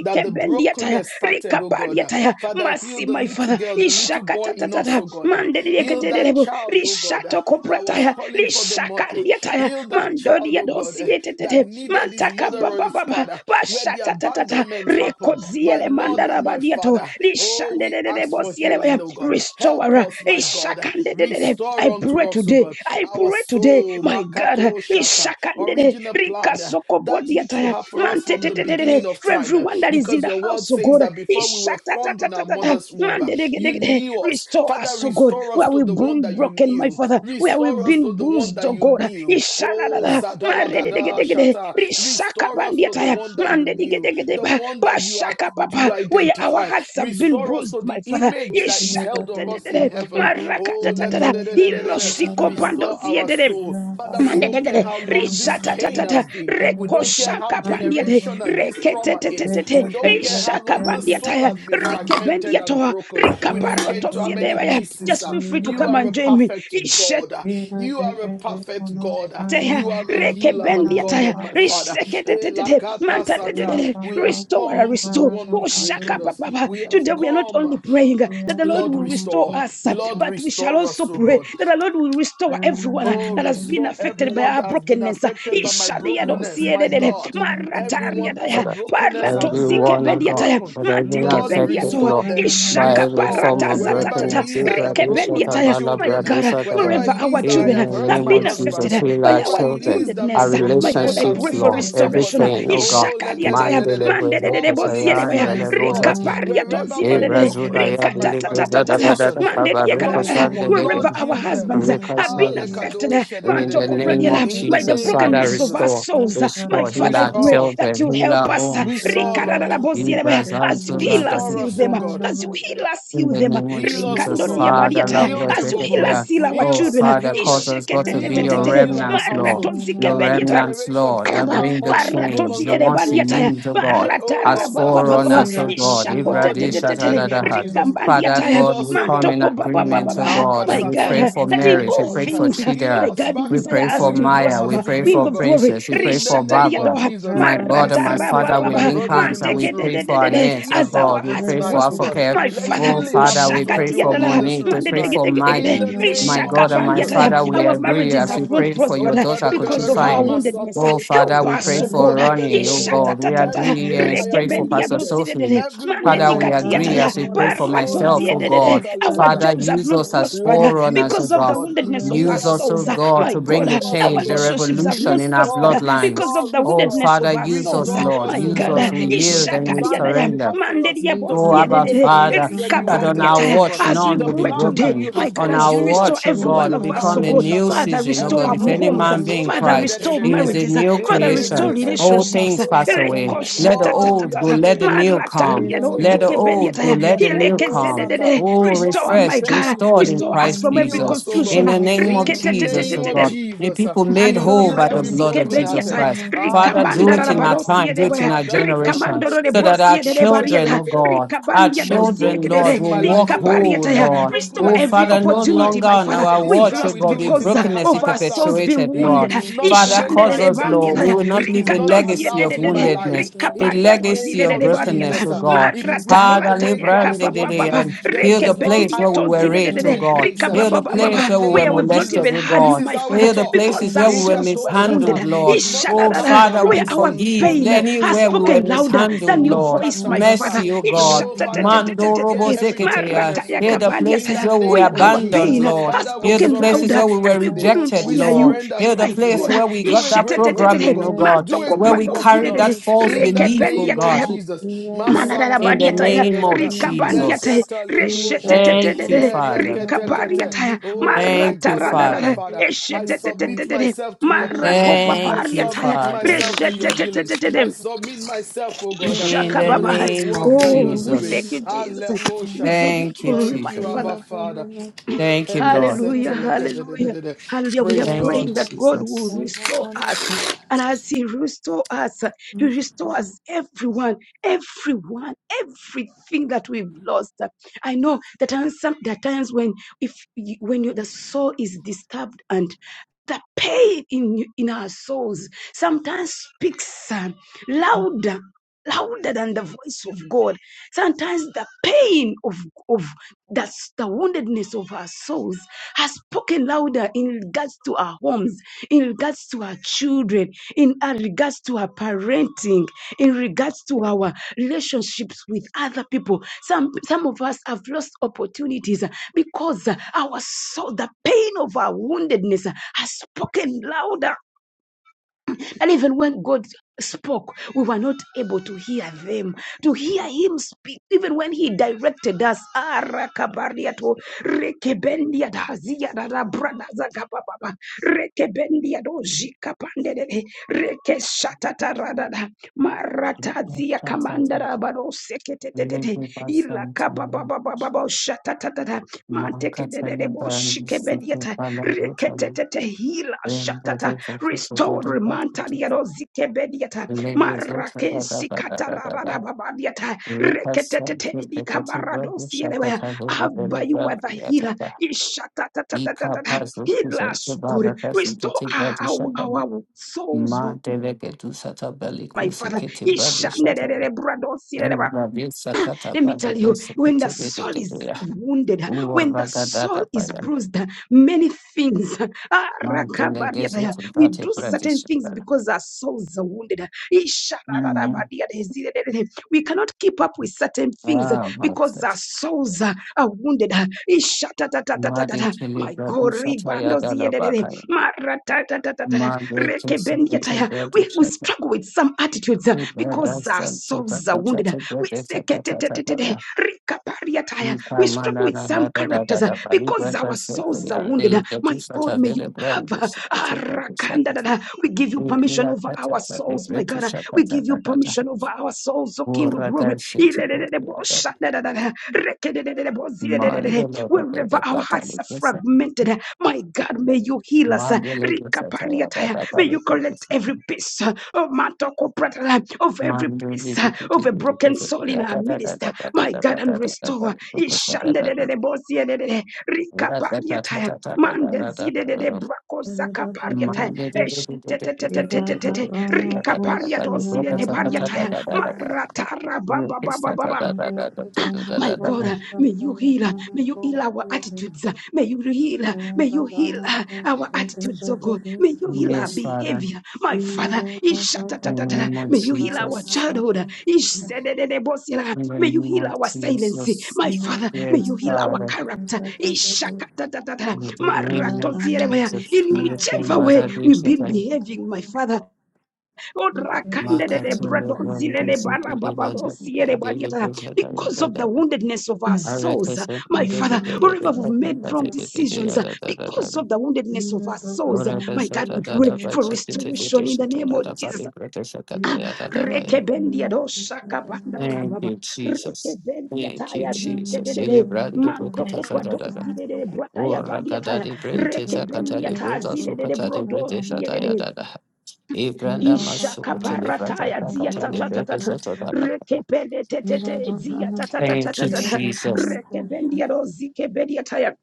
Speaker 2: that the
Speaker 3: Bendiataya,
Speaker 2: brokenness started, oh God. Uh,
Speaker 3: Rikapandiataya,
Speaker 2: Father, heal
Speaker 3: masi
Speaker 2: the
Speaker 3: my
Speaker 2: little
Speaker 3: Father.
Speaker 2: girl, the little boy in us,
Speaker 3: Ishakatatatata.
Speaker 2: oh God. Uh, Heal that
Speaker 3: Mandedieketerebo.
Speaker 2: child, oh God, uh,
Speaker 3: Rishato
Speaker 2: that was
Speaker 3: koprataya.
Speaker 2: calling for the mother.
Speaker 3: Rishakandiataya.
Speaker 2: Heal that child, oh God, uh, that
Speaker 3: Mandodiadosietetete.
Speaker 2: needed his
Speaker 3: Mantaka
Speaker 2: mother or
Speaker 3: baba
Speaker 2: his
Speaker 3: baba.
Speaker 2: father, where the
Speaker 3: Bashatatatata.
Speaker 2: abandonment happened. My
Speaker 3: Rekoziele
Speaker 2: Lord and my
Speaker 3: mandarabadiato.
Speaker 2: Father, oh, we ask
Speaker 3: Rishandedebo
Speaker 2: for healing,
Speaker 3: sielewaya.
Speaker 2: oh God. Help
Speaker 3: Restorer.
Speaker 2: us, my God. Uh,
Speaker 3: Ishakandedede.
Speaker 2: Restore
Speaker 3: I
Speaker 2: unto
Speaker 3: pray
Speaker 2: us, oh
Speaker 3: today.
Speaker 2: God,
Speaker 3: I
Speaker 2: our
Speaker 3: pray today.
Speaker 2: soul,
Speaker 3: My God.
Speaker 2: Makato Shata,
Speaker 3: Ishakandede.
Speaker 2: original
Speaker 3: Rika
Speaker 2: plan, uh,
Speaker 3: soko
Speaker 2: that
Speaker 3: bodia
Speaker 2: which you
Speaker 3: taya.
Speaker 2: have for us
Speaker 3: Mante
Speaker 2: from
Speaker 3: te
Speaker 2: the
Speaker 3: te
Speaker 2: beginning of
Speaker 3: For
Speaker 2: time, uh,
Speaker 3: everyone that is in
Speaker 2: because
Speaker 3: the
Speaker 2: your word
Speaker 3: house, oh
Speaker 2: says
Speaker 3: God.
Speaker 2: that before we
Speaker 3: Isha
Speaker 2: were
Speaker 3: ta
Speaker 2: formed in our mother's womb, uh, you knew us.
Speaker 3: Restore us,
Speaker 2: Father,
Speaker 3: oh God.
Speaker 2: restore us
Speaker 3: Where
Speaker 2: to the
Speaker 3: we've
Speaker 2: one
Speaker 3: been
Speaker 2: that you
Speaker 3: broken, my
Speaker 2: knew.
Speaker 3: Father. Where we've
Speaker 2: Restore us to
Speaker 3: been
Speaker 2: the one
Speaker 3: bruised,
Speaker 2: that
Speaker 3: oh
Speaker 2: you
Speaker 3: God.
Speaker 2: knew.
Speaker 3: Isha la
Speaker 2: Oh,
Speaker 3: la la. Mare de de ge
Speaker 2: Zadalagada
Speaker 3: de
Speaker 2: Shata.
Speaker 3: Rishaka
Speaker 2: Restore us
Speaker 3: bandia
Speaker 2: to the
Speaker 3: taya.
Speaker 2: one that you
Speaker 3: Mande
Speaker 2: knew, the one that you are you
Speaker 3: papa. Where our
Speaker 2: identify.
Speaker 3: hearts have been
Speaker 2: Restore us
Speaker 3: bruised,
Speaker 2: to
Speaker 3: my
Speaker 2: the
Speaker 3: Father.
Speaker 2: image that is
Speaker 4: Yeah,
Speaker 3: Ishaka
Speaker 2: held
Speaker 3: te
Speaker 2: of
Speaker 3: te
Speaker 2: us
Speaker 3: te
Speaker 2: in
Speaker 3: te.
Speaker 2: heaven.
Speaker 3: Maraka
Speaker 2: Oh, let. Restore our soul. Father, we don't care
Speaker 3: Mandedegede,
Speaker 2: how long this pain
Speaker 3: risatatatata,
Speaker 2: has been. We don't care how
Speaker 3: rekoshakapandiate,
Speaker 2: generational this trauma is.
Speaker 3: reketetetetete,
Speaker 2: We don't care how long this soul
Speaker 3: ishakapandiataya,
Speaker 2: has been fragmented and
Speaker 3: rikebendiatoa,
Speaker 2: broken. We don't care into how many
Speaker 3: rikaparotosiedewaya.
Speaker 2: pieces.
Speaker 3: Just
Speaker 2: uh,
Speaker 3: feel free to
Speaker 2: You
Speaker 3: come
Speaker 2: are a
Speaker 3: and join me.
Speaker 2: perfect
Speaker 3: Ishet.
Speaker 2: God. uh, You are a perfect God. uh,
Speaker 3: Taya,
Speaker 2: You are a healer, my
Speaker 3: rekebendia
Speaker 2: God
Speaker 3: taya,
Speaker 2: and my Father. Eh,
Speaker 3: riseketetetete,
Speaker 2: lakata sata. We have
Speaker 3: Restore,
Speaker 2: come to the
Speaker 3: restore.
Speaker 2: one who
Speaker 3: Oh, shaka
Speaker 2: created us.
Speaker 3: papa.
Speaker 2: We have
Speaker 3: Today we are not
Speaker 2: come. uh,
Speaker 3: only praying uh, that the Lord
Speaker 2: Lord,
Speaker 4: Baba,
Speaker 3: will restore
Speaker 2: restore.
Speaker 3: us, uh,
Speaker 4: my
Speaker 2: Lord,
Speaker 3: but we shall
Speaker 2: restore
Speaker 3: also
Speaker 2: us, oh
Speaker 3: pray
Speaker 2: God.
Speaker 3: that the Lord will restore everyone uh,
Speaker 2: Oh,
Speaker 3: that has been
Speaker 2: restore
Speaker 3: affected by
Speaker 2: everyone
Speaker 3: our
Speaker 2: that has been
Speaker 3: brokenness. uh.
Speaker 2: affected by my
Speaker 4: Look
Speaker 2: brokenness, my
Speaker 3: Ishaliadosiededede,
Speaker 2: God. Everyone that my
Speaker 3: maratariadaya,
Speaker 1: Father.
Speaker 2: brokenness
Speaker 3: Parato
Speaker 2: have
Speaker 1: every
Speaker 3: Zik,
Speaker 2: break
Speaker 3: rike
Speaker 1: oh
Speaker 2: have
Speaker 1: God,
Speaker 3: bendiata
Speaker 2: broken.
Speaker 1: that has been
Speaker 3: manteke
Speaker 2: Lord,
Speaker 1: affected,
Speaker 3: bendiato
Speaker 2: restore
Speaker 1: Lord,
Speaker 2: them.
Speaker 1: by
Speaker 3: ishaka
Speaker 1: every
Speaker 2: Restore
Speaker 1: form
Speaker 3: parata
Speaker 1: of
Speaker 2: wherever it
Speaker 3: zatatata
Speaker 1: brokenness,
Speaker 2: is I have
Speaker 3: rike
Speaker 1: degradation,
Speaker 2: broken my
Speaker 3: bendiata
Speaker 1: Tabala,
Speaker 3: my
Speaker 2: children. uh,
Speaker 3: God
Speaker 1: Bradusa,
Speaker 2: Wherever
Speaker 1: Father.
Speaker 3: wherever
Speaker 2: it
Speaker 3: our
Speaker 2: is that I
Speaker 1: In
Speaker 3: children
Speaker 1: the
Speaker 2: have hurt
Speaker 3: have
Speaker 1: name
Speaker 2: my
Speaker 1: of
Speaker 3: been
Speaker 2: husband.
Speaker 1: Jesus,
Speaker 2: uh,
Speaker 3: affected
Speaker 1: heal
Speaker 3: by
Speaker 2: Wherever
Speaker 1: our
Speaker 3: our
Speaker 2: Whatever it
Speaker 1: children,
Speaker 2: is that my
Speaker 1: our
Speaker 3: woundedness my God
Speaker 2: brokenness
Speaker 3: I
Speaker 2: have
Speaker 1: relationships,
Speaker 3: pray for
Speaker 1: Lord,
Speaker 2: tinted
Speaker 3: restoration
Speaker 2: somebody.
Speaker 1: everything, oh God.
Speaker 2: Oh,
Speaker 3: ishaka
Speaker 1: Man
Speaker 3: diata
Speaker 2: lekedededede.
Speaker 1: delivers, help
Speaker 3: mandedede
Speaker 2: work
Speaker 1: us,
Speaker 2: colleagues,
Speaker 1: and
Speaker 3: bosielebaya
Speaker 2: friends,
Speaker 1: delivers
Speaker 3: rika
Speaker 2: Lord,
Speaker 1: us.
Speaker 3: pariato
Speaker 2: wherever
Speaker 3: zide
Speaker 2: my
Speaker 3: de.
Speaker 1: Abrazuda,
Speaker 2: brokenness
Speaker 1: ya
Speaker 3: rika
Speaker 2: and my
Speaker 3: tata
Speaker 1: delivers,
Speaker 3: tata
Speaker 1: da da da
Speaker 3: tata.
Speaker 1: da
Speaker 2: fragmentation
Speaker 1: da,
Speaker 2: have
Speaker 3: tatatata
Speaker 1: Kabaruko,
Speaker 2: touched
Speaker 3: uh,
Speaker 1: San
Speaker 2: someone,
Speaker 1: delivers,
Speaker 3: wherever
Speaker 2: Lord,
Speaker 3: our
Speaker 2: heal them.
Speaker 3: husbands
Speaker 2: Oh,
Speaker 3: uh, have
Speaker 2: ah,
Speaker 3: been
Speaker 1: Rekasan,
Speaker 3: affected uh,
Speaker 1: in the
Speaker 3: Mantoko
Speaker 2: lekadoshededededede.
Speaker 1: name of
Speaker 3: Bradiela,
Speaker 2: in the
Speaker 3: by the
Speaker 1: Jesus,
Speaker 2: name of
Speaker 1: Father,
Speaker 3: brokenness of
Speaker 2: Jesus,
Speaker 3: our
Speaker 1: restore,
Speaker 3: souls. uh, My
Speaker 1: restore,
Speaker 4: at
Speaker 1: heal
Speaker 3: Father, I
Speaker 1: our
Speaker 4: the
Speaker 3: pray
Speaker 2: restore,
Speaker 3: that
Speaker 1: children,
Speaker 3: you
Speaker 1: heal
Speaker 3: help
Speaker 1: our
Speaker 3: us uh,
Speaker 1: homes.
Speaker 2: restore,
Speaker 4: Rabba
Speaker 2: Lord,
Speaker 1: He
Speaker 3: as
Speaker 1: presents
Speaker 3: you
Speaker 1: to
Speaker 3: heal us,
Speaker 2: restore
Speaker 1: life.
Speaker 3: heal
Speaker 2: us,
Speaker 3: them.
Speaker 2: oh
Speaker 3: uh,
Speaker 2: God.
Speaker 3: As you heal us,
Speaker 1: In
Speaker 3: heal
Speaker 1: the
Speaker 3: them. uh,
Speaker 1: name of
Speaker 2: Heal us, O
Speaker 1: Jesus,
Speaker 2: God.
Speaker 1: Father, love
Speaker 2: Heal
Speaker 1: us.
Speaker 3: As
Speaker 2: them,
Speaker 3: you
Speaker 1: take
Speaker 2: O
Speaker 1: it
Speaker 3: heal
Speaker 2: God.
Speaker 3: us,
Speaker 1: here.
Speaker 3: heal our
Speaker 2: Heal
Speaker 1: Oh,
Speaker 2: us
Speaker 3: children. uh,
Speaker 2: and
Speaker 1: Father,
Speaker 2: heal
Speaker 1: cause
Speaker 2: them.
Speaker 1: us, God, to
Speaker 2: Heal
Speaker 1: be
Speaker 2: us
Speaker 1: your
Speaker 2: and heal our
Speaker 1: remnants, Lord.
Speaker 2: household.
Speaker 1: Your
Speaker 2: That
Speaker 1: remnants,
Speaker 2: generation
Speaker 1: Lord, that
Speaker 2: from
Speaker 3: Alaba,
Speaker 2: now
Speaker 1: bring the
Speaker 2: on will no
Speaker 1: change, the
Speaker 2: longer
Speaker 3: baratoziere
Speaker 2: be
Speaker 1: ones you
Speaker 2: broken.
Speaker 3: bandiataya,
Speaker 1: use, oh
Speaker 2: Bre-
Speaker 1: God,
Speaker 2: oh
Speaker 1: as
Speaker 3: baratara
Speaker 2: Lord, that
Speaker 3: baba baba,
Speaker 1: forerunners, oh
Speaker 2: tosata.
Speaker 1: God.
Speaker 3: ishako te
Speaker 2: Lord,
Speaker 3: te te
Speaker 2: in the
Speaker 3: te te,
Speaker 2: name of
Speaker 1: Ibradishatadadahat.
Speaker 2: Jesus.
Speaker 1: Father
Speaker 3: rikambandiataya,
Speaker 2: Heal
Speaker 1: God,
Speaker 2: us,
Speaker 1: we
Speaker 2: O
Speaker 1: come
Speaker 2: God.
Speaker 1: in
Speaker 3: mantoko baba
Speaker 1: agreement,
Speaker 3: baba
Speaker 1: oh
Speaker 3: baba.
Speaker 1: God, and
Speaker 3: My
Speaker 1: we
Speaker 3: God,
Speaker 2: Akasata.
Speaker 1: pray
Speaker 3: uh,
Speaker 1: for
Speaker 3: that
Speaker 2: Father
Speaker 3: in
Speaker 1: marriage. We
Speaker 3: all
Speaker 1: pray
Speaker 2: Lord,
Speaker 1: for
Speaker 3: things, uh,
Speaker 2: heal
Speaker 3: my
Speaker 1: Chidera.
Speaker 2: us
Speaker 3: God, you
Speaker 2: back
Speaker 1: We
Speaker 2: to the-
Speaker 3: desire
Speaker 1: pray
Speaker 3: us
Speaker 2: who
Speaker 1: for
Speaker 2: you
Speaker 3: to
Speaker 2: know
Speaker 1: Maya. We
Speaker 2: us
Speaker 3: prosper.
Speaker 2: to
Speaker 1: pray
Speaker 2: be,
Speaker 3: Wing
Speaker 1: for
Speaker 2: oh
Speaker 3: of
Speaker 2: God.
Speaker 3: glory,
Speaker 1: Princess. We pray
Speaker 2: In the
Speaker 1: for
Speaker 2: name of
Speaker 1: Barbara.
Speaker 3: rishataliado,
Speaker 2: Jesus,
Speaker 1: My
Speaker 2: my
Speaker 1: God and my
Speaker 3: maratara
Speaker 2: sisters
Speaker 3: baba
Speaker 1: Father,
Speaker 2: and
Speaker 1: we
Speaker 2: my
Speaker 3: baba,
Speaker 1: link
Speaker 2: brothers
Speaker 1: hands
Speaker 2: in
Speaker 1: and we
Speaker 2: this
Speaker 3: manteke te
Speaker 2: room,
Speaker 1: pray
Speaker 3: te te
Speaker 1: for
Speaker 3: te
Speaker 2: let
Speaker 3: te,
Speaker 1: Annette, oh
Speaker 3: as
Speaker 2: healing
Speaker 3: our
Speaker 1: God. We
Speaker 2: happen
Speaker 3: hearts
Speaker 1: pray for
Speaker 2: tonight, oh
Speaker 3: prosper.
Speaker 2: God.
Speaker 1: Afokef.
Speaker 3: My
Speaker 2: Let
Speaker 3: Father,
Speaker 1: Oh,
Speaker 2: healing
Speaker 1: Father,
Speaker 2: happen
Speaker 1: we
Speaker 2: to
Speaker 1: pray for
Speaker 2: everyone in
Speaker 3: ushakatiadala,
Speaker 2: this
Speaker 1: Monique.
Speaker 2: room
Speaker 1: We pray
Speaker 2: tonight.
Speaker 1: for
Speaker 2: In the
Speaker 1: Maggie. My
Speaker 2: name of
Speaker 1: God and my
Speaker 2: Jesus,
Speaker 1: Father, we
Speaker 3: our
Speaker 2: let
Speaker 1: agree
Speaker 2: healing
Speaker 3: marriages
Speaker 1: as we
Speaker 3: have
Speaker 2: happen.
Speaker 3: not
Speaker 1: pray for your
Speaker 3: prospered
Speaker 2: Oh,
Speaker 3: uh,
Speaker 1: daughter,
Speaker 2: gada,
Speaker 1: Kochi
Speaker 3: because
Speaker 2: gada,
Speaker 3: of
Speaker 2: gada,
Speaker 3: our
Speaker 1: Fine.
Speaker 3: woundedness.
Speaker 2: masata
Speaker 3: uh.
Speaker 1: Oh,
Speaker 3: Help
Speaker 1: Father,
Speaker 2: lekere.
Speaker 1: we
Speaker 3: us,
Speaker 1: pray
Speaker 4: Thank
Speaker 3: oh
Speaker 1: for
Speaker 3: God. uh.
Speaker 1: Ronnie. Oh,
Speaker 2: Ekededededede.
Speaker 1: God, we
Speaker 3: Ishatatatata,
Speaker 1: agree
Speaker 2: Everywhere
Speaker 1: and
Speaker 2: I
Speaker 1: pray
Speaker 2: have
Speaker 1: for
Speaker 2: been
Speaker 1: Pastor
Speaker 2: wounded,
Speaker 1: Sophie.
Speaker 3: rekebendiadozidedede,
Speaker 2: everywhere
Speaker 1: Father,
Speaker 2: I
Speaker 1: we
Speaker 2: have
Speaker 1: agree
Speaker 3: mandedikatiataya,
Speaker 2: wounded
Speaker 1: as we pray
Speaker 2: others.
Speaker 1: for
Speaker 2: Oh, la
Speaker 1: myself, oh,
Speaker 3: paratoziededede.
Speaker 1: God.
Speaker 2: kashata
Speaker 3: Our
Speaker 2: lekeda.
Speaker 1: Father,
Speaker 3: jobs have
Speaker 1: use
Speaker 3: not
Speaker 1: us as
Speaker 3: prospered uh,
Speaker 2: Lord, heal
Speaker 1: forerunners, oh,
Speaker 3: because
Speaker 2: us, O
Speaker 3: of the
Speaker 1: God.
Speaker 2: God.
Speaker 3: woundedness of our
Speaker 2: Heal
Speaker 1: Use
Speaker 2: us,
Speaker 1: us,
Speaker 2: O
Speaker 1: oh
Speaker 3: souls. uh.
Speaker 2: God.
Speaker 1: God,
Speaker 3: My
Speaker 1: to bring
Speaker 3: God,
Speaker 1: the
Speaker 2: Heal
Speaker 3: uh.
Speaker 2: us, O
Speaker 3: our
Speaker 1: change, the
Speaker 2: God.
Speaker 3: relationships have
Speaker 1: revolution
Speaker 3: not
Speaker 1: in our
Speaker 3: prospered
Speaker 2: Restore,
Speaker 3: uh, because
Speaker 2: restore,
Speaker 3: of
Speaker 1: bloodlines.
Speaker 3: the
Speaker 1: Oh,
Speaker 2: restore,
Speaker 3: woundedness
Speaker 1: Father,
Speaker 3: of our
Speaker 1: use
Speaker 3: souls.
Speaker 1: us,
Speaker 3: uh.
Speaker 2: restore
Speaker 1: Lord.
Speaker 2: us,
Speaker 3: My
Speaker 2: O
Speaker 1: Use
Speaker 3: God,
Speaker 2: God,
Speaker 3: uh,
Speaker 1: us. We
Speaker 2: to
Speaker 1: yield
Speaker 2: the
Speaker 1: and we
Speaker 2: design that
Speaker 3: Ishakariadaya,
Speaker 2: you
Speaker 1: surrender.
Speaker 2: have for us, to
Speaker 1: Oh,
Speaker 2: the
Speaker 1: Abba
Speaker 3: manderiabosiedede,
Speaker 2: original place
Speaker 1: Father,
Speaker 2: where you
Speaker 1: that on
Speaker 2: wanted
Speaker 1: our
Speaker 2: us,
Speaker 3: erikapariataya.
Speaker 2: O God,
Speaker 1: watch
Speaker 3: As we
Speaker 1: none
Speaker 2: the
Speaker 1: will be
Speaker 3: pray
Speaker 2: plan that
Speaker 3: today,
Speaker 2: you
Speaker 1: broken.
Speaker 3: my
Speaker 2: had
Speaker 3: God,
Speaker 1: On
Speaker 2: for
Speaker 3: as
Speaker 1: our
Speaker 2: us,
Speaker 3: you
Speaker 2: O God.
Speaker 3: restore
Speaker 1: watch, oh
Speaker 3: every
Speaker 2: Oh,
Speaker 1: God,
Speaker 3: one
Speaker 1: it
Speaker 3: of us,
Speaker 2: lakato,
Speaker 3: oh
Speaker 1: become a
Speaker 2: oh,
Speaker 3: God,
Speaker 1: new
Speaker 2: shata,
Speaker 3: Father,
Speaker 1: season. Oh
Speaker 3: restore
Speaker 2: every
Speaker 1: God,
Speaker 3: our
Speaker 1: if any
Speaker 3: homes,
Speaker 1: man
Speaker 2: brokenness,
Speaker 1: be
Speaker 2: oh,
Speaker 1: in
Speaker 3: Father,
Speaker 2: leke, de de de
Speaker 1: Christ,
Speaker 3: restore
Speaker 2: de
Speaker 1: he is
Speaker 2: lekededededede,
Speaker 1: a
Speaker 3: marriages,
Speaker 1: new
Speaker 2: eh,
Speaker 3: Father,
Speaker 2: ze,
Speaker 3: restore
Speaker 2: ze,
Speaker 1: creation.
Speaker 2: ze,
Speaker 1: All
Speaker 3: relationships.
Speaker 1: things
Speaker 2: brokato,
Speaker 1: pass
Speaker 2: shata.
Speaker 1: away. Let the
Speaker 2: Lord,
Speaker 4: you.
Speaker 2: we
Speaker 1: old go,
Speaker 2: are
Speaker 1: let the
Speaker 2: healed.
Speaker 1: new
Speaker 2: Eh,
Speaker 4: Thank you.
Speaker 1: come.
Speaker 2: de- de-
Speaker 1: Let
Speaker 2: de-
Speaker 1: the
Speaker 2: de.
Speaker 1: old go, let the new
Speaker 2: Leketo
Speaker 1: come.
Speaker 2: sata.
Speaker 1: Oh,
Speaker 2: Lord,
Speaker 3: Restore,
Speaker 2: we
Speaker 3: my
Speaker 1: refreshed,
Speaker 2: thank
Speaker 3: God,
Speaker 2: you for
Speaker 1: restored in
Speaker 3: restore
Speaker 2: healing.
Speaker 3: us
Speaker 1: Christ
Speaker 3: from every
Speaker 2: Heal
Speaker 1: Jesus.
Speaker 2: us, oh
Speaker 1: In
Speaker 3: confusion.
Speaker 2: God,
Speaker 1: the name of
Speaker 2: in the
Speaker 1: Jesus,
Speaker 2: name
Speaker 1: oh
Speaker 2: of
Speaker 1: God. May
Speaker 2: Jesus. uh,
Speaker 1: people made
Speaker 2: You
Speaker 3: Mandoro
Speaker 1: whole
Speaker 2: heal
Speaker 1: by the
Speaker 2: every
Speaker 3: bradosi
Speaker 1: blood
Speaker 3: ke
Speaker 1: of Jesus
Speaker 2: brokenhearted.
Speaker 3: bediata
Speaker 1: Christ.
Speaker 2: hearted. Ah,
Speaker 1: Father,
Speaker 2: la
Speaker 1: do
Speaker 3: rikamanda
Speaker 2: do
Speaker 1: it
Speaker 3: la
Speaker 1: in our
Speaker 2: zada.
Speaker 1: time,
Speaker 3: barosi
Speaker 1: do
Speaker 3: de
Speaker 1: it in
Speaker 3: boya
Speaker 1: our
Speaker 2: Akada
Speaker 1: generation
Speaker 2: jada
Speaker 3: rikamando de
Speaker 1: so
Speaker 2: legede.
Speaker 1: that our
Speaker 3: brosi de
Speaker 1: children,
Speaker 3: bariata
Speaker 1: oh
Speaker 2: Intetete.
Speaker 1: God, our
Speaker 3: rikabandia
Speaker 2: Every
Speaker 3: dosi
Speaker 1: children,
Speaker 3: ke de
Speaker 2: brokenness
Speaker 1: Lord,
Speaker 2: in
Speaker 1: will
Speaker 2: my life,
Speaker 1: walk
Speaker 2: oh God,
Speaker 1: whole,
Speaker 3: rikapariata ya
Speaker 2: every
Speaker 1: Lord.
Speaker 3: restore
Speaker 1: Oh,
Speaker 2: brokenness in
Speaker 3: every
Speaker 2: my
Speaker 1: Father, no
Speaker 2: bloodline.
Speaker 3: opportunity
Speaker 1: longer
Speaker 3: my
Speaker 1: on
Speaker 3: father
Speaker 2: Oh,
Speaker 1: our
Speaker 2: this
Speaker 3: we've
Speaker 2: is
Speaker 1: watch,
Speaker 2: how
Speaker 1: oh
Speaker 2: we
Speaker 3: lost
Speaker 1: God,
Speaker 2: do
Speaker 1: the
Speaker 2: it in
Speaker 3: because uh,
Speaker 2: my ha-
Speaker 1: brokenness is
Speaker 3: of our
Speaker 2: father's house.
Speaker 3: souls being
Speaker 1: perpetuated,
Speaker 2: If
Speaker 3: wounded
Speaker 2: it
Speaker 1: Lord.
Speaker 2: is not the
Speaker 1: Father,
Speaker 2: way
Speaker 3: ishande de
Speaker 1: cause
Speaker 3: de
Speaker 2: Christ
Speaker 1: us,
Speaker 2: does
Speaker 1: Lord,
Speaker 2: it,
Speaker 1: we
Speaker 3: ya
Speaker 1: will not
Speaker 2: it
Speaker 1: leave
Speaker 2: is
Speaker 1: a
Speaker 2: not
Speaker 3: rikatozi
Speaker 1: legacy
Speaker 3: de
Speaker 1: of
Speaker 2: allowed
Speaker 3: de de
Speaker 2: in my life.
Speaker 1: woundedness, a
Speaker 2: In
Speaker 3: rikaparia
Speaker 2: the
Speaker 3: dosi
Speaker 1: legacy
Speaker 3: de
Speaker 2: name
Speaker 3: de
Speaker 1: of
Speaker 2: of
Speaker 3: de
Speaker 1: brokenness,
Speaker 2: Jesus,
Speaker 1: oh
Speaker 2: uh,
Speaker 1: God.
Speaker 2: if it is
Speaker 3: marata
Speaker 2: not
Speaker 1: Father,
Speaker 2: the
Speaker 3: rata
Speaker 2: way
Speaker 3: ya
Speaker 2: Christ
Speaker 1: Librande de
Speaker 2: wants
Speaker 1: de,
Speaker 3: kababa
Speaker 2: it,
Speaker 1: and
Speaker 2: then it
Speaker 1: heal
Speaker 3: reke
Speaker 1: the
Speaker 2: is not
Speaker 1: place
Speaker 3: bendia
Speaker 1: where we were
Speaker 2: allowed to
Speaker 1: raped, oh
Speaker 2: take
Speaker 1: God.
Speaker 2: place. uh,
Speaker 1: Heal the
Speaker 2: In the
Speaker 1: place where we were
Speaker 2: name
Speaker 3: where
Speaker 2: of
Speaker 3: we've not
Speaker 1: molested,
Speaker 3: even
Speaker 2: Jesus,
Speaker 1: oh
Speaker 3: heard
Speaker 2: this
Speaker 3: you,
Speaker 1: God.
Speaker 2: is
Speaker 3: my
Speaker 2: how we
Speaker 3: Father,
Speaker 1: Here the
Speaker 4: Thank
Speaker 2: talk.
Speaker 3: because
Speaker 1: places
Speaker 3: our
Speaker 1: where we were
Speaker 3: souls
Speaker 2: Ikato
Speaker 3: were
Speaker 2: shata
Speaker 1: mishandled,
Speaker 3: wounded.
Speaker 1: Lord.
Speaker 2: is not
Speaker 1: Oh,
Speaker 2: allowed
Speaker 1: Father,
Speaker 3: Where
Speaker 1: we
Speaker 2: around
Speaker 3: our
Speaker 2: me
Speaker 1: forgive
Speaker 3: pain
Speaker 2: unless it
Speaker 3: has
Speaker 2: is
Speaker 1: anywhere we were
Speaker 3: spoken
Speaker 2: allowed in
Speaker 3: louder
Speaker 2: Christ.
Speaker 3: than
Speaker 1: mishandled,
Speaker 3: your
Speaker 2: Oh,
Speaker 1: Lord.
Speaker 3: voice, my
Speaker 2: katatata.
Speaker 3: Father.
Speaker 1: Mercy, oh God.
Speaker 2: Oh, Father,
Speaker 1: Mando
Speaker 2: repair
Speaker 1: robo
Speaker 2: every
Speaker 1: seketea.
Speaker 2: brokenness, oh
Speaker 1: Here
Speaker 2: God,
Speaker 1: the
Speaker 2: in
Speaker 1: places
Speaker 2: the
Speaker 1: where we were
Speaker 3: Where
Speaker 2: name of
Speaker 3: our
Speaker 1: abandoned,
Speaker 2: Jesus.
Speaker 3: pain
Speaker 1: Lord.
Speaker 3: has
Speaker 2: Father, we
Speaker 1: Here the
Speaker 3: spoken
Speaker 1: places
Speaker 2: surrender
Speaker 3: louder
Speaker 1: where
Speaker 2: to
Speaker 1: we
Speaker 2: you
Speaker 3: that
Speaker 1: were
Speaker 3: we
Speaker 2: today.
Speaker 3: couldn't
Speaker 1: rejected,
Speaker 2: We
Speaker 3: hear
Speaker 1: Lord.
Speaker 3: you,
Speaker 2: surrender
Speaker 1: Here
Speaker 2: to
Speaker 1: the
Speaker 2: you
Speaker 3: my
Speaker 1: place
Speaker 2: today.
Speaker 3: God.
Speaker 1: where we
Speaker 2: Do
Speaker 1: got
Speaker 2: a
Speaker 1: that
Speaker 2: great work, oh
Speaker 1: programming, oh
Speaker 2: God.
Speaker 1: God.
Speaker 2: Do a
Speaker 1: Where
Speaker 2: quick
Speaker 1: we
Speaker 2: work in
Speaker 1: carried
Speaker 2: us
Speaker 1: that false
Speaker 2: in the
Speaker 1: belief,
Speaker 2: name
Speaker 1: oh
Speaker 2: name of
Speaker 1: God.
Speaker 2: Jesus.
Speaker 3: Manarara
Speaker 2: Masata
Speaker 1: In the
Speaker 2: lika
Speaker 3: badiataya,
Speaker 2: da da
Speaker 1: name
Speaker 2: da
Speaker 1: of
Speaker 2: da.
Speaker 3: rika bandiataya,
Speaker 1: Jesus.
Speaker 2: Leseta leto shete.
Speaker 1: Thank you,
Speaker 3: reshetetetetete,
Speaker 2: Eh,
Speaker 1: Father.
Speaker 3: rika
Speaker 2: lekete kete.
Speaker 3: pariataya,
Speaker 2: Oh my
Speaker 1: Thank you,
Speaker 2: God and my
Speaker 1: Father.
Speaker 3: marataradadada,
Speaker 2: Father, I
Speaker 4: you.
Speaker 2: submit
Speaker 3: eshetetetetete,
Speaker 2: myself to your
Speaker 4: Thank
Speaker 2: pruning.
Speaker 3: marakoba
Speaker 2: I
Speaker 1: Thank you,
Speaker 3: pariataya,
Speaker 2: submit
Speaker 1: Father.
Speaker 2: myself to your healing. I
Speaker 3: reshetetetetete,
Speaker 2: submit myself, oh God, uh,
Speaker 1: in
Speaker 2: to
Speaker 1: the
Speaker 2: the
Speaker 3: ishakababa.
Speaker 2: great
Speaker 1: name
Speaker 2: work
Speaker 1: of
Speaker 2: that you're
Speaker 3: Oh, we
Speaker 2: doing.
Speaker 3: thank
Speaker 1: Jesus.
Speaker 3: you, Jesus.
Speaker 2: Aleko
Speaker 3: We
Speaker 2: shata.
Speaker 3: give you
Speaker 1: Thank you,
Speaker 3: glory,
Speaker 2: Thank
Speaker 3: my
Speaker 2: you,
Speaker 1: Jesus.
Speaker 3: Father.
Speaker 2: Abba Father.
Speaker 1: Thank you, Lord.
Speaker 2: Ekesete
Speaker 3: Hallelujah,
Speaker 2: leke de de de
Speaker 3: hallelujah.
Speaker 2: de de.
Speaker 3: Hallelujah. We are
Speaker 2: Praise
Speaker 1: Thank you,
Speaker 2: God.
Speaker 3: praying that God will
Speaker 1: Jesus.
Speaker 3: restore us. And as He restores us, He restores everyone, everyone, everything that we've lost. I know that there are some there are times when if you, when you, the soul is disturbed and the pain in in our souls sometimes speaks uh, louder louder than the voice of god sometimes the pain of of that the woundedness of our souls has spoken louder in regards to our homes, in regards to our children, in regards to our parenting, in regards to our relationships with other people. Some some of us have lost opportunities uh, because uh, our soul, the pain of our woundedness uh, has spoken louder and even when God spoke, we were not able to hear them, to hear Him speak, even when He directed us. Arakabariato, rekebendia dazia dada brada Ah, rakabariato, rekebendiada, ziyadada, bradazakabababa, rekebendiado, jikapandedede, kama. Ndarabaro seketetete ila kaba baba baba baba shata tata tata manteke
Speaker 1: Manka
Speaker 3: dedede bo
Speaker 1: celebrando
Speaker 3: shike
Speaker 1: su
Speaker 3: bedieta
Speaker 1: palabra,
Speaker 3: reketetete hila
Speaker 1: en
Speaker 3: shata
Speaker 1: vez de
Speaker 3: tata
Speaker 1: focuso
Speaker 3: restored
Speaker 1: de
Speaker 3: remanta
Speaker 1: bastante,
Speaker 3: diero zike bedieta
Speaker 1: le desu
Speaker 3: marake
Speaker 1: tabada bada
Speaker 3: sikata
Speaker 1: bada
Speaker 3: rara
Speaker 1: bada,
Speaker 3: baba dieta reketetete
Speaker 1: repasante de
Speaker 3: dika
Speaker 1: que se
Speaker 3: barado
Speaker 1: vuelve
Speaker 3: sielewe
Speaker 1: shatatado de
Speaker 3: abba you are the
Speaker 1: telegrafía
Speaker 3: healer
Speaker 1: chata,
Speaker 3: ishata tata
Speaker 1: y
Speaker 3: tata tata
Speaker 1: capaz de que
Speaker 3: hila
Speaker 1: se
Speaker 3: sukuri
Speaker 1: vada casi que
Speaker 3: restore
Speaker 1: te brade
Speaker 3: our,
Speaker 1: shata,
Speaker 3: our souls
Speaker 1: ma debe que tu sata
Speaker 3: my
Speaker 1: belico se
Speaker 3: father,
Speaker 1: que te brade
Speaker 3: Isha
Speaker 1: shata, en la visa cata
Speaker 3: let me
Speaker 1: brade
Speaker 3: tell you,
Speaker 1: dosa que
Speaker 3: when the
Speaker 1: te de de
Speaker 3: soul
Speaker 1: de
Speaker 3: is
Speaker 1: de,
Speaker 3: wounded, when the soul is
Speaker 1: urragadada
Speaker 3: bruised, many things, ah,
Speaker 1: Mandele gezu
Speaker 3: we
Speaker 1: kuntate
Speaker 3: do certain things
Speaker 1: pradishita.
Speaker 3: because our souls are wounded.
Speaker 1: Mm.
Speaker 3: We cannot keep up with certain things
Speaker 1: Ah,
Speaker 3: because our
Speaker 1: Moses.
Speaker 3: souls are wounded.
Speaker 1: Madi kili
Speaker 3: My God,
Speaker 1: pradishata yadala bakaya. Madi kese kutu
Speaker 3: we, we
Speaker 1: pradishata.
Speaker 3: struggle with some attitudes uh,
Speaker 1: Ibrada
Speaker 3: because our
Speaker 1: santo
Speaker 3: souls are wounded.
Speaker 1: pakachate
Speaker 3: We
Speaker 1: pradesa katata
Speaker 3: seketetetetete,
Speaker 1: dada.
Speaker 3: rikapariataya. We
Speaker 1: Ika
Speaker 3: struggle with
Speaker 1: manana da
Speaker 3: some
Speaker 1: da da da
Speaker 3: characters uh,
Speaker 1: da pali
Speaker 3: because
Speaker 1: brada
Speaker 3: our
Speaker 1: sefe
Speaker 3: souls are wounded.
Speaker 1: yandele
Speaker 3: Uh, My God,
Speaker 1: gedishata
Speaker 3: may you
Speaker 1: vile
Speaker 3: have
Speaker 1: brando
Speaker 3: uh,
Speaker 1: sefe pradishata.
Speaker 3: arakandadada. we give you permission
Speaker 1: Ila
Speaker 3: over our
Speaker 1: katata de
Speaker 3: souls, my God. Uh,
Speaker 1: pradishata
Speaker 3: We
Speaker 1: da
Speaker 3: give you
Speaker 1: da da.
Speaker 3: permission over our souls, O King of
Speaker 1: Ura
Speaker 3: Glory.
Speaker 1: gasheti Mandela Mandela
Speaker 3: Wherever
Speaker 1: Mandela
Speaker 3: our hearts
Speaker 1: Mandela
Speaker 3: are fragmented, uh, my God, may you heal us Jesus.
Speaker 1: Mandela Mandela Mandela
Speaker 3: May
Speaker 1: Mandela de
Speaker 3: you collect
Speaker 1: Gosa,
Speaker 3: every piece uh, of Matoko Pratala, of every piece uh, of a broken soul in our minister. My God, and restore.
Speaker 1: Mandela
Speaker 3: Ishandedededebosiededede. Rikapariataya. Mandezidededebrakosakapariataya. Eshetetetetetetete. Rikapariadosiedebariataya. Maratara baba baba baba my God, uh, may you heal. uh, May you heal our attitudes. uh, May you heal. uh, May you heal uh, our attitudes, oh God. May you heal our
Speaker 1: Yes,
Speaker 4: you.
Speaker 1: Father,
Speaker 3: behavior. My
Speaker 4: Thank you.
Speaker 3: Father, ish- ta ta
Speaker 1: in
Speaker 3: ta
Speaker 1: the
Speaker 3: ta.
Speaker 1: name of
Speaker 3: may you heal our
Speaker 1: Jesus,
Speaker 3: childhood. uh, ishzedededebosira,
Speaker 1: in the
Speaker 3: May you
Speaker 1: name
Speaker 3: heal
Speaker 1: of
Speaker 3: our silence.
Speaker 1: Jesus,
Speaker 3: My Father, may you
Speaker 1: yes,
Speaker 3: heal our
Speaker 1: Father.
Speaker 3: character. Ish- ka- ta ta ta ta.
Speaker 1: In the
Speaker 3: Mara ishakatatatata,
Speaker 1: name of
Speaker 3: maratozierebaya,
Speaker 1: Jesus,
Speaker 3: In
Speaker 1: Silicon
Speaker 3: whichever way we've
Speaker 1: Baradisha,
Speaker 3: been behaving, my Father,
Speaker 1: Makatulu Brandi City Divata, Deliberata,
Speaker 3: because of the
Speaker 1: Yadada,
Speaker 3: woundedness of our souls, uh,
Speaker 1: Arakasa,
Speaker 3: my
Speaker 1: Yadada,
Speaker 3: Father,
Speaker 1: Ora the
Speaker 3: wherever we've
Speaker 1: Vatican
Speaker 3: made
Speaker 1: by
Speaker 3: wrong
Speaker 1: the
Speaker 3: decisions, uh, because
Speaker 1: Yada,
Speaker 3: of the woundedness of our
Speaker 1: or
Speaker 3: souls, uh,
Speaker 1: the
Speaker 3: my God,
Speaker 1: Sata
Speaker 3: we pray
Speaker 1: Dada by
Speaker 3: for restoration in the
Speaker 1: Chipitishata
Speaker 3: name
Speaker 1: Dada
Speaker 3: of Jesus.
Speaker 1: Valley, Greta Sakata Yadada Baya.
Speaker 3: Rekebendia doshaka
Speaker 1: Thank
Speaker 3: bandarababa.
Speaker 1: you, Jesus.
Speaker 3: Rekebendia
Speaker 1: Thank you,
Speaker 3: taya
Speaker 1: Jesus.
Speaker 3: ritededede.
Speaker 1: Celebrando
Speaker 3: Manto
Speaker 1: Bokoto
Speaker 3: kopratos
Speaker 1: Sadada.
Speaker 3: zilele brataya
Speaker 1: Ora
Speaker 3: bandiataya.
Speaker 1: Gadadi Brente
Speaker 4: Zika
Speaker 1: Sakata
Speaker 3: Rekebendia
Speaker 4: baba
Speaker 3: ta
Speaker 1: Librota
Speaker 4: kabo,
Speaker 3: zilele
Speaker 1: Sukata
Speaker 4: kika
Speaker 1: Librete
Speaker 4: bana ko,
Speaker 3: brodosiedede.
Speaker 1: Satayadada. Ibranda
Speaker 4: mira baba
Speaker 1: masukutu
Speaker 4: na ko,
Speaker 1: librata
Speaker 3: Ishakaparataya zia
Speaker 4: shada
Speaker 1: takata
Speaker 3: ta ta ta
Speaker 4: bana
Speaker 3: ta
Speaker 1: libreke
Speaker 3: ta
Speaker 4: ko
Speaker 1: soto
Speaker 4: sa,
Speaker 1: dadabada.
Speaker 3: rekebende te te
Speaker 4: mira
Speaker 3: te
Speaker 4: baba
Speaker 3: zia
Speaker 4: na
Speaker 3: ta ta
Speaker 4: ko,
Speaker 3: ta ta
Speaker 1: Thank
Speaker 3: ta
Speaker 1: you,
Speaker 3: ta
Speaker 4: mira
Speaker 3: ta
Speaker 4: baba na
Speaker 1: Jesus.
Speaker 4: ko sa,
Speaker 3: rekebendia ro zikebendia taya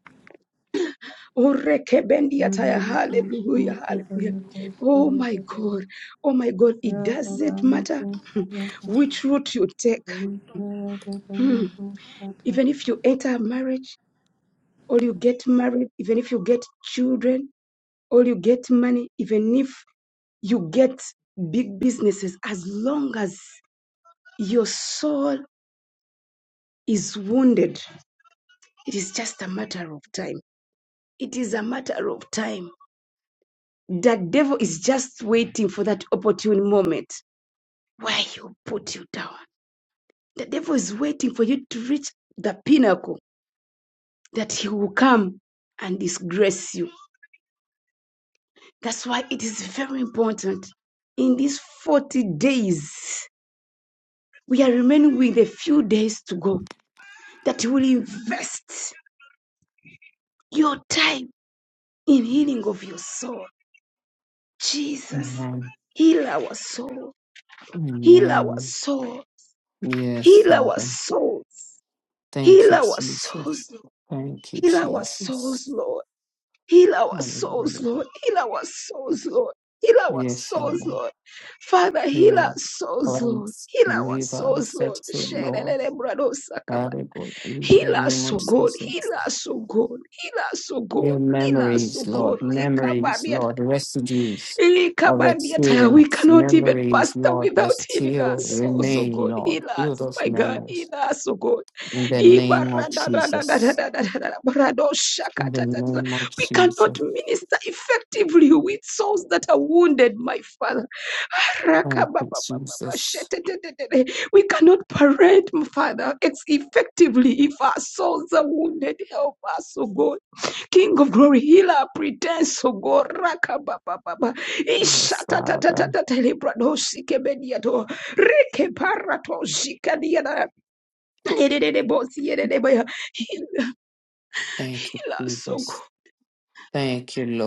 Speaker 3: o rekebendia
Speaker 4: mira
Speaker 3: taya
Speaker 4: na ko,
Speaker 3: hallelujah
Speaker 4: mira baba
Speaker 3: hallelujah
Speaker 4: na ko sa,
Speaker 3: oh
Speaker 4: mira
Speaker 3: my god oh my god it
Speaker 4: baba
Speaker 3: doesn't
Speaker 4: na
Speaker 3: matter
Speaker 4: ko sa, zika baba na ko sa,
Speaker 3: hmm,
Speaker 4: mira na ko,
Speaker 3: which route you take
Speaker 4: mira baba
Speaker 3: Hmm. even if you enter marriage or you get married even if you get children or you get money even if you get big businesses as long as your soul is wounded, it is just a matter of time. It is a matter of time. The devil is just waiting for that opportune moment where he'll put you down. The devil is waiting for you to reach the pinnacle that he will come and disgrace you. That's why it is very important. In these 40 days, we are remaining with a few days to go that you will invest your time in healing of your soul Jesus,
Speaker 1: Amen.
Speaker 3: heal our soul, heal our
Speaker 1: Amen.
Speaker 3: soul,
Speaker 1: Yes,
Speaker 3: heal our
Speaker 1: Father.
Speaker 3: souls,
Speaker 1: Thank
Speaker 3: heal
Speaker 1: you,
Speaker 3: our
Speaker 1: Jesus.
Speaker 3: souls, Lord.
Speaker 1: Thank you,
Speaker 3: heal our
Speaker 1: Jesus.
Speaker 3: souls, Lord, heal our souls,
Speaker 1: Hallelujah.
Speaker 3: Lord, heal our souls, Lord, heal our
Speaker 1: Yes,
Speaker 3: souls,
Speaker 1: Father.
Speaker 3: Lord. Father, heal our
Speaker 1: Yeah,
Speaker 3: souls, Lord,
Speaker 1: cleanse,
Speaker 3: heal our
Speaker 1: deliver,
Speaker 3: souls,
Speaker 1: set
Speaker 3: Lord.
Speaker 1: free, Lord.
Speaker 3: Sherelele brado sakaba.
Speaker 1: Very good. In the
Speaker 3: Heal
Speaker 1: name
Speaker 3: us,
Speaker 1: of
Speaker 3: O God. Heal
Speaker 1: Jesus.
Speaker 3: us, O God. Heal us, O
Speaker 1: Real
Speaker 3: God. Heal us, O
Speaker 1: memories,
Speaker 3: God.
Speaker 1: Lord,
Speaker 3: Leka
Speaker 1: memories,
Speaker 3: baria
Speaker 1: Lord, residues of
Speaker 3: Ikabandiataya, We
Speaker 1: experience,
Speaker 3: cannot even,
Speaker 1: memories,
Speaker 3: Pastor,
Speaker 1: Lord, that
Speaker 3: without healing our
Speaker 1: still
Speaker 3: souls, oh
Speaker 1: remain,
Speaker 3: God.
Speaker 1: Lord.
Speaker 3: Heal
Speaker 1: Heal
Speaker 3: us,
Speaker 1: those
Speaker 3: my God.
Speaker 1: memories
Speaker 3: Heal us, oh God.
Speaker 1: in the name
Speaker 3: Ibara
Speaker 1: of
Speaker 3: da da da da da
Speaker 1: Jesus.
Speaker 3: da da da, barado shaka
Speaker 1: In the
Speaker 3: da da da.
Speaker 1: name of
Speaker 3: We cannot
Speaker 1: Jesus.
Speaker 3: minister effectively with souls that are wounded, my father. Raka
Speaker 1: Thank
Speaker 3: ba
Speaker 1: you,
Speaker 3: ba ba ba
Speaker 1: Jesus.
Speaker 3: ba. We cannot parent, my father. It's effectively if our souls are wounded. Help us, O God, King of Glory, Healer, Predestined, O God. Raka ba ba ba ba. Ishata da da da
Speaker 1: Yeah,
Speaker 3: da da. Ilebarado sikemediado. Reke bara tozika diada. Erererebotsiererebeya. Heal,
Speaker 1: Thank you,
Speaker 3: heal us, oh God.
Speaker 1: Jesus. Thank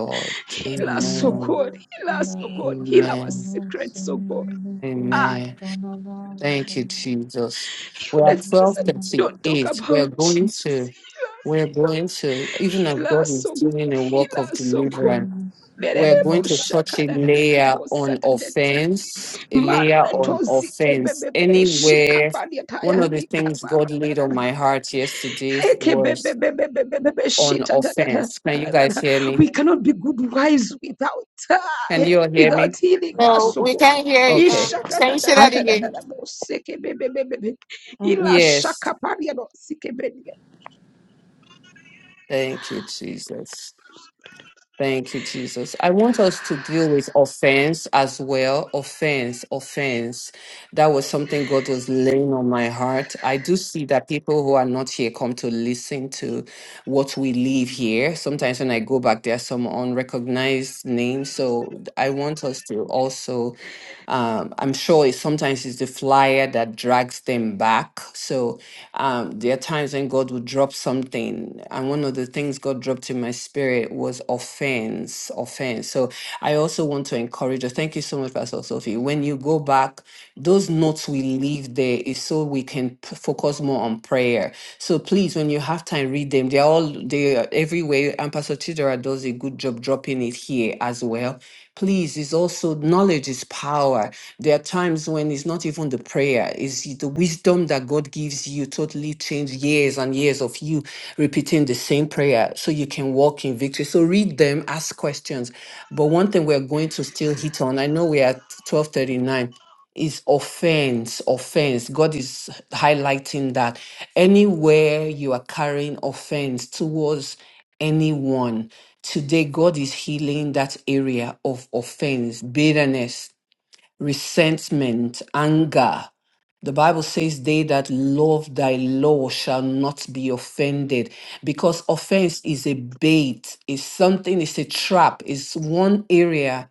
Speaker 1: God.
Speaker 3: Heal us, oh
Speaker 1: Amen.
Speaker 3: God. Heal us, oh God. Heal our
Speaker 4: ko
Speaker 1: Amen.
Speaker 4: no, se
Speaker 3: secrets, oh God.
Speaker 4: mira ko
Speaker 1: Amen.
Speaker 4: no,
Speaker 3: Ah,
Speaker 4: kana la la
Speaker 1: Thank
Speaker 4: la,
Speaker 1: you, Jesus.
Speaker 3: heal
Speaker 1: We
Speaker 3: the
Speaker 1: are
Speaker 4: mira
Speaker 3: things that
Speaker 4: kana la.
Speaker 3: we don't talk
Speaker 1: 1238. We are
Speaker 3: about,
Speaker 1: going
Speaker 3: Jesus.
Speaker 1: to.
Speaker 3: Heal us,
Speaker 1: We're going to, even as
Speaker 3: heal
Speaker 1: God
Speaker 3: us,
Speaker 1: is
Speaker 3: oh God.
Speaker 1: doing a work
Speaker 3: Heal
Speaker 1: of
Speaker 3: us, oh God.
Speaker 1: deliverance, we're going
Speaker 3: Mererebo
Speaker 1: to touch
Speaker 3: shaka
Speaker 1: a
Speaker 3: da da da da
Speaker 1: layer
Speaker 3: bo
Speaker 1: on
Speaker 3: sata te te.
Speaker 1: offense, a layer
Speaker 3: Marato
Speaker 1: on
Speaker 3: zike
Speaker 1: offense.
Speaker 3: bebe bebe shika
Speaker 1: Anywhere,
Speaker 3: palia
Speaker 1: one
Speaker 3: taya
Speaker 1: of the
Speaker 3: lika
Speaker 1: things
Speaker 3: bara
Speaker 1: God
Speaker 3: da
Speaker 1: laid
Speaker 3: da
Speaker 1: on
Speaker 3: da.
Speaker 1: my heart yesterday was on offense. Can you guys hear me?
Speaker 3: We cannot be good wives without
Speaker 1: Can
Speaker 3: uh,
Speaker 1: you all hear me?
Speaker 3: without healing us,
Speaker 5: No,
Speaker 3: So
Speaker 5: we
Speaker 3: God.
Speaker 5: can't hear you.
Speaker 1: Okay.
Speaker 5: Um, can you say
Speaker 4: I
Speaker 5: that
Speaker 4: can.
Speaker 5: again?
Speaker 4: Oh.
Speaker 1: Yes.
Speaker 3: no
Speaker 1: Thank you, Jesus. Thank you, Jesus. I want us to deal with offense as well. Offense, offense. That was something God was laying on my heart. I do see that people who are not here come to listen to what we leave here. Sometimes when I go back, there are some unrecognized names. So I want us to also um, I'm sure it's, sometimes it's the flyer that drags them back. So um, there are times when God will drop something. And one of the things God dropped in my spirit was offense, offense. So I also want to encourage you. Thank you so much, Pastor Sophie. When you go back, those notes we leave there is so we can p- focus more on prayer. So please, when you have time, read them. They're all they are everywhere. And Pastor Chidera does a good job dropping it here as well Please, is also knowledge is power. There are times when it's not even the prayer, it's the wisdom that God gives you totally change years and years of you repeating the same prayer so you can walk in victory. So read them, ask questions. But one thing we're going to still hit on, I know we are at 1239 is offense, offense. God is highlighting that anywhere you are carrying offense towards anyone, today God is healing that area of offense, bitterness, resentment, anger. The Bible says, They that love thy law shall not be offended, because offense is a bait, is something, is a trap, is one area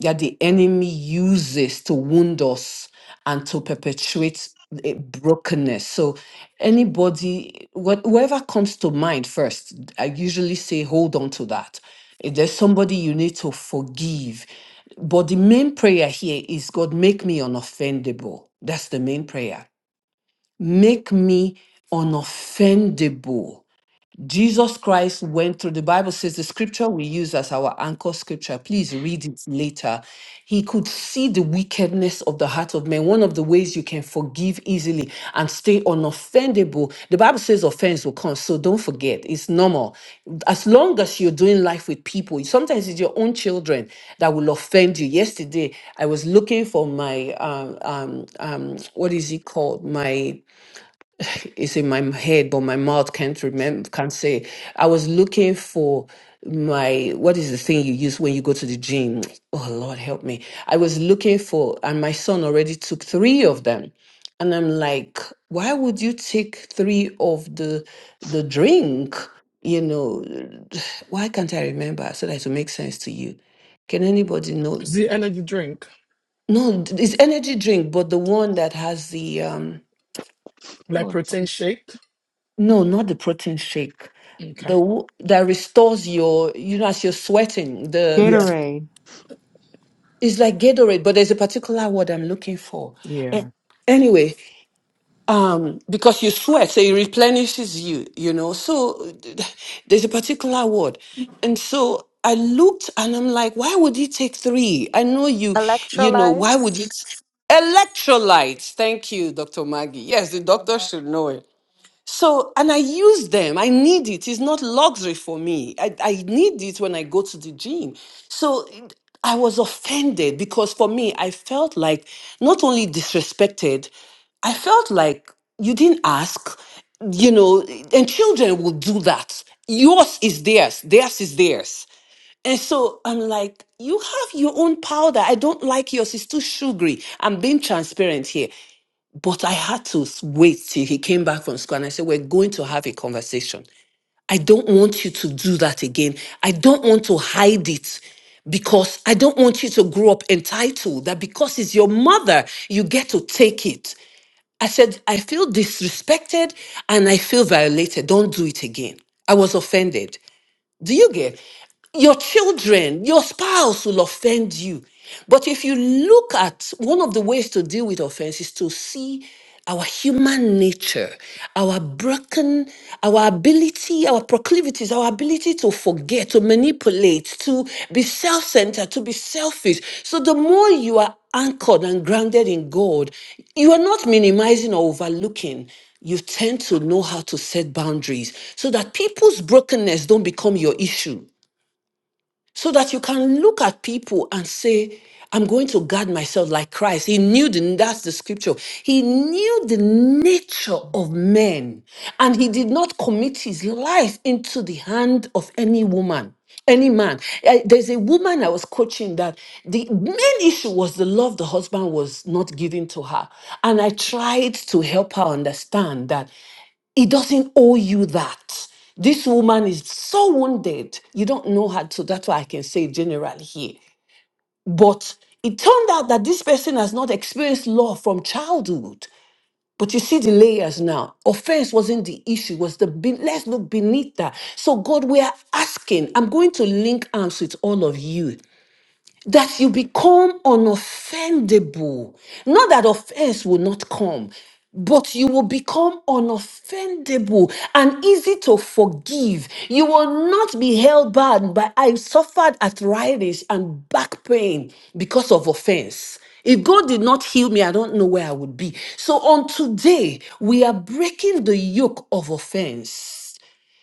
Speaker 1: that the enemy uses to wound us and to perpetuate a brokenness. So, anybody, what, whoever comes to mind first, I usually say, hold on to that. If there's somebody you need to forgive, but the main prayer here is, God, make me unoffendable. That's the main prayer. Make me unoffendable Jesus Christ went through, the Bible says the scripture we use as our anchor scripture, please read it later. He could see the wickedness of the heart of men. One of the ways you can forgive easily and stay unoffendable, the Bible says offense will come, so don't forget, it's normal. As long as you're doing life with people, sometimes it's your own children that will offend you. Yesterday, I was looking for my, um, um, um, what is it called? My it's in my head, but my mouth can't remember, can't say. I was looking for my what is the thing you use when you go to the gym? Oh Lord, help me! I was looking for, and my son already took three of them, and I'm like, why would you take three of the the drink? You know, why can't I remember so that it will make sense to you? Can anybody
Speaker 2: Is
Speaker 1: know?
Speaker 2: the energy drink
Speaker 1: No, it's energy drink, but the one that has the um.
Speaker 2: like protein shake?
Speaker 1: No, not the protein shake. The
Speaker 2: Okay.
Speaker 1: w- that restores your, you know, as you're sweating. The
Speaker 2: Yeah.
Speaker 1: it's like Gatorade, but there's a particular word I'm looking for.
Speaker 2: Yeah.
Speaker 1: A- Anyway, um, because you sweat, so it replenishes you. You know, so there's a particular word, and so I looked and I'm like, why would it take three? I know you, you know, why would
Speaker 6: Electrolytes.
Speaker 1: you? Electrolytes. Thank you, Dr. Maggie. Yes, the doctor should know it. So, and I use them. I need it. It's not luxury for me. I, I need it when I go to the gym. So it- I was offended because for me, I felt like not only disrespected, I felt like you didn't ask, you know, and children will do that. Yours is theirs, theirs is theirs. And so I'm like, you have your own powder. I don't like yours. It's too sugary. I'm being transparent here. But I had to s- wait till he came back from school and I said, We're going to have a conversation. I don't want you to do that again. I don't want to hide it because I don't want you to grow up entitled that because it's your mother, you get to take it. I said, I feel disrespected and I feel violated. Don't do it again. I was offended. Do you get? Your children, your spouse will offend you. But if you look at one of the ways to deal with offense is to see our human nature, our broken, our ability, our proclivities, our ability to forgive forget, to manipulate, to be self centered, to be selfish. So the more you are anchored and grounded in God, you are not minimizing or overlooking. You tend to know how to set boundaries so that people's brokenness don't become your issue so that you can look at people and say, I'm going to guard myself like Christ. He knew the, that's the scripture. He knew the nature of men and he did not commit his life into the hand of any woman, any man. Eh, There's a woman I was coaching that the main issue was the love the husband was not giving to her. And I tried to help her understand that he doesn't owe you that. This woman is so wounded. You don't know her, so that's why I can say generally here. But it turned out that this person has not experienced love from childhood. But you see the layers now. Offense wasn't the issue, was the be- let's look beneath that. So, God, we are asking. I'm going to link arms with all of you that you become unoffendable. Not that offense will not come, but you will become unoffendable and easy to forgive. You will not be held back by I suffered arthritis and back pain because of offense. If God did not heal me, I don't know where I would be. So on today, we are breaking the yoke of offense.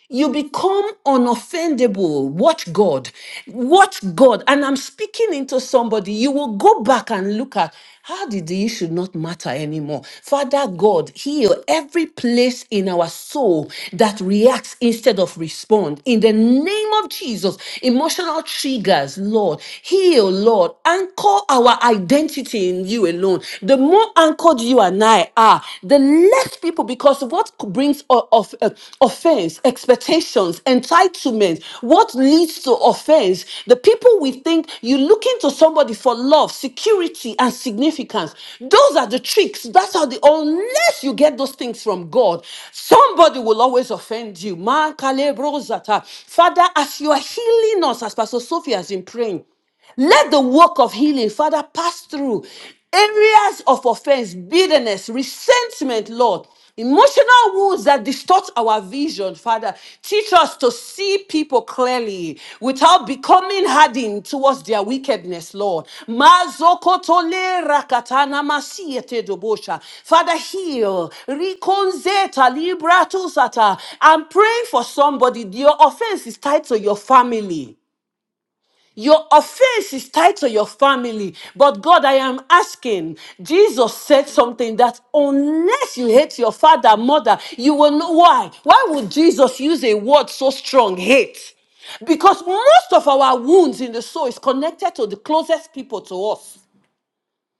Speaker 1: You become unoffendable. Watch God. Watch God. And I'm speaking into somebody. You will go back and look at how did the issue not matter anymore? Father God, heal every place in our soul that reacts instead of respond. In the name of Jesus, emotional triggers, Lord, heal, Lord. Anchor our identity in you alone. The more anchored you and I are, the they left people because what brings o- of, uh, offense, expectations, entitlement, what leads to offense, the people we think you look into somebody for love, security, and significance. Those are the tricks. That's how the unless you get those things from God, somebody will always offend you. Ma kale bro zata. Father, as you are healing us, as Pastor Sophie has been praying. Let the work of healing, Father, pass through areas of offense, bitterness, resentment, Lord. Emotional wounds that distort our vision, Father. Teach us to see people clearly without becoming hardened towards their wickedness, Lord. Mazokotole rakatana masiete dobosha. Father, heal. Rikonzeta libratusata. I'm praying for somebody. Your offense is tied to your family. Your offense is tied to your family. But God, I am asking, Jesus said something that unless you hate your father, mother, you will know why. Why would Jesus use a word so strong, hate? Because most of our wounds in the soul is connected to the closest people to us.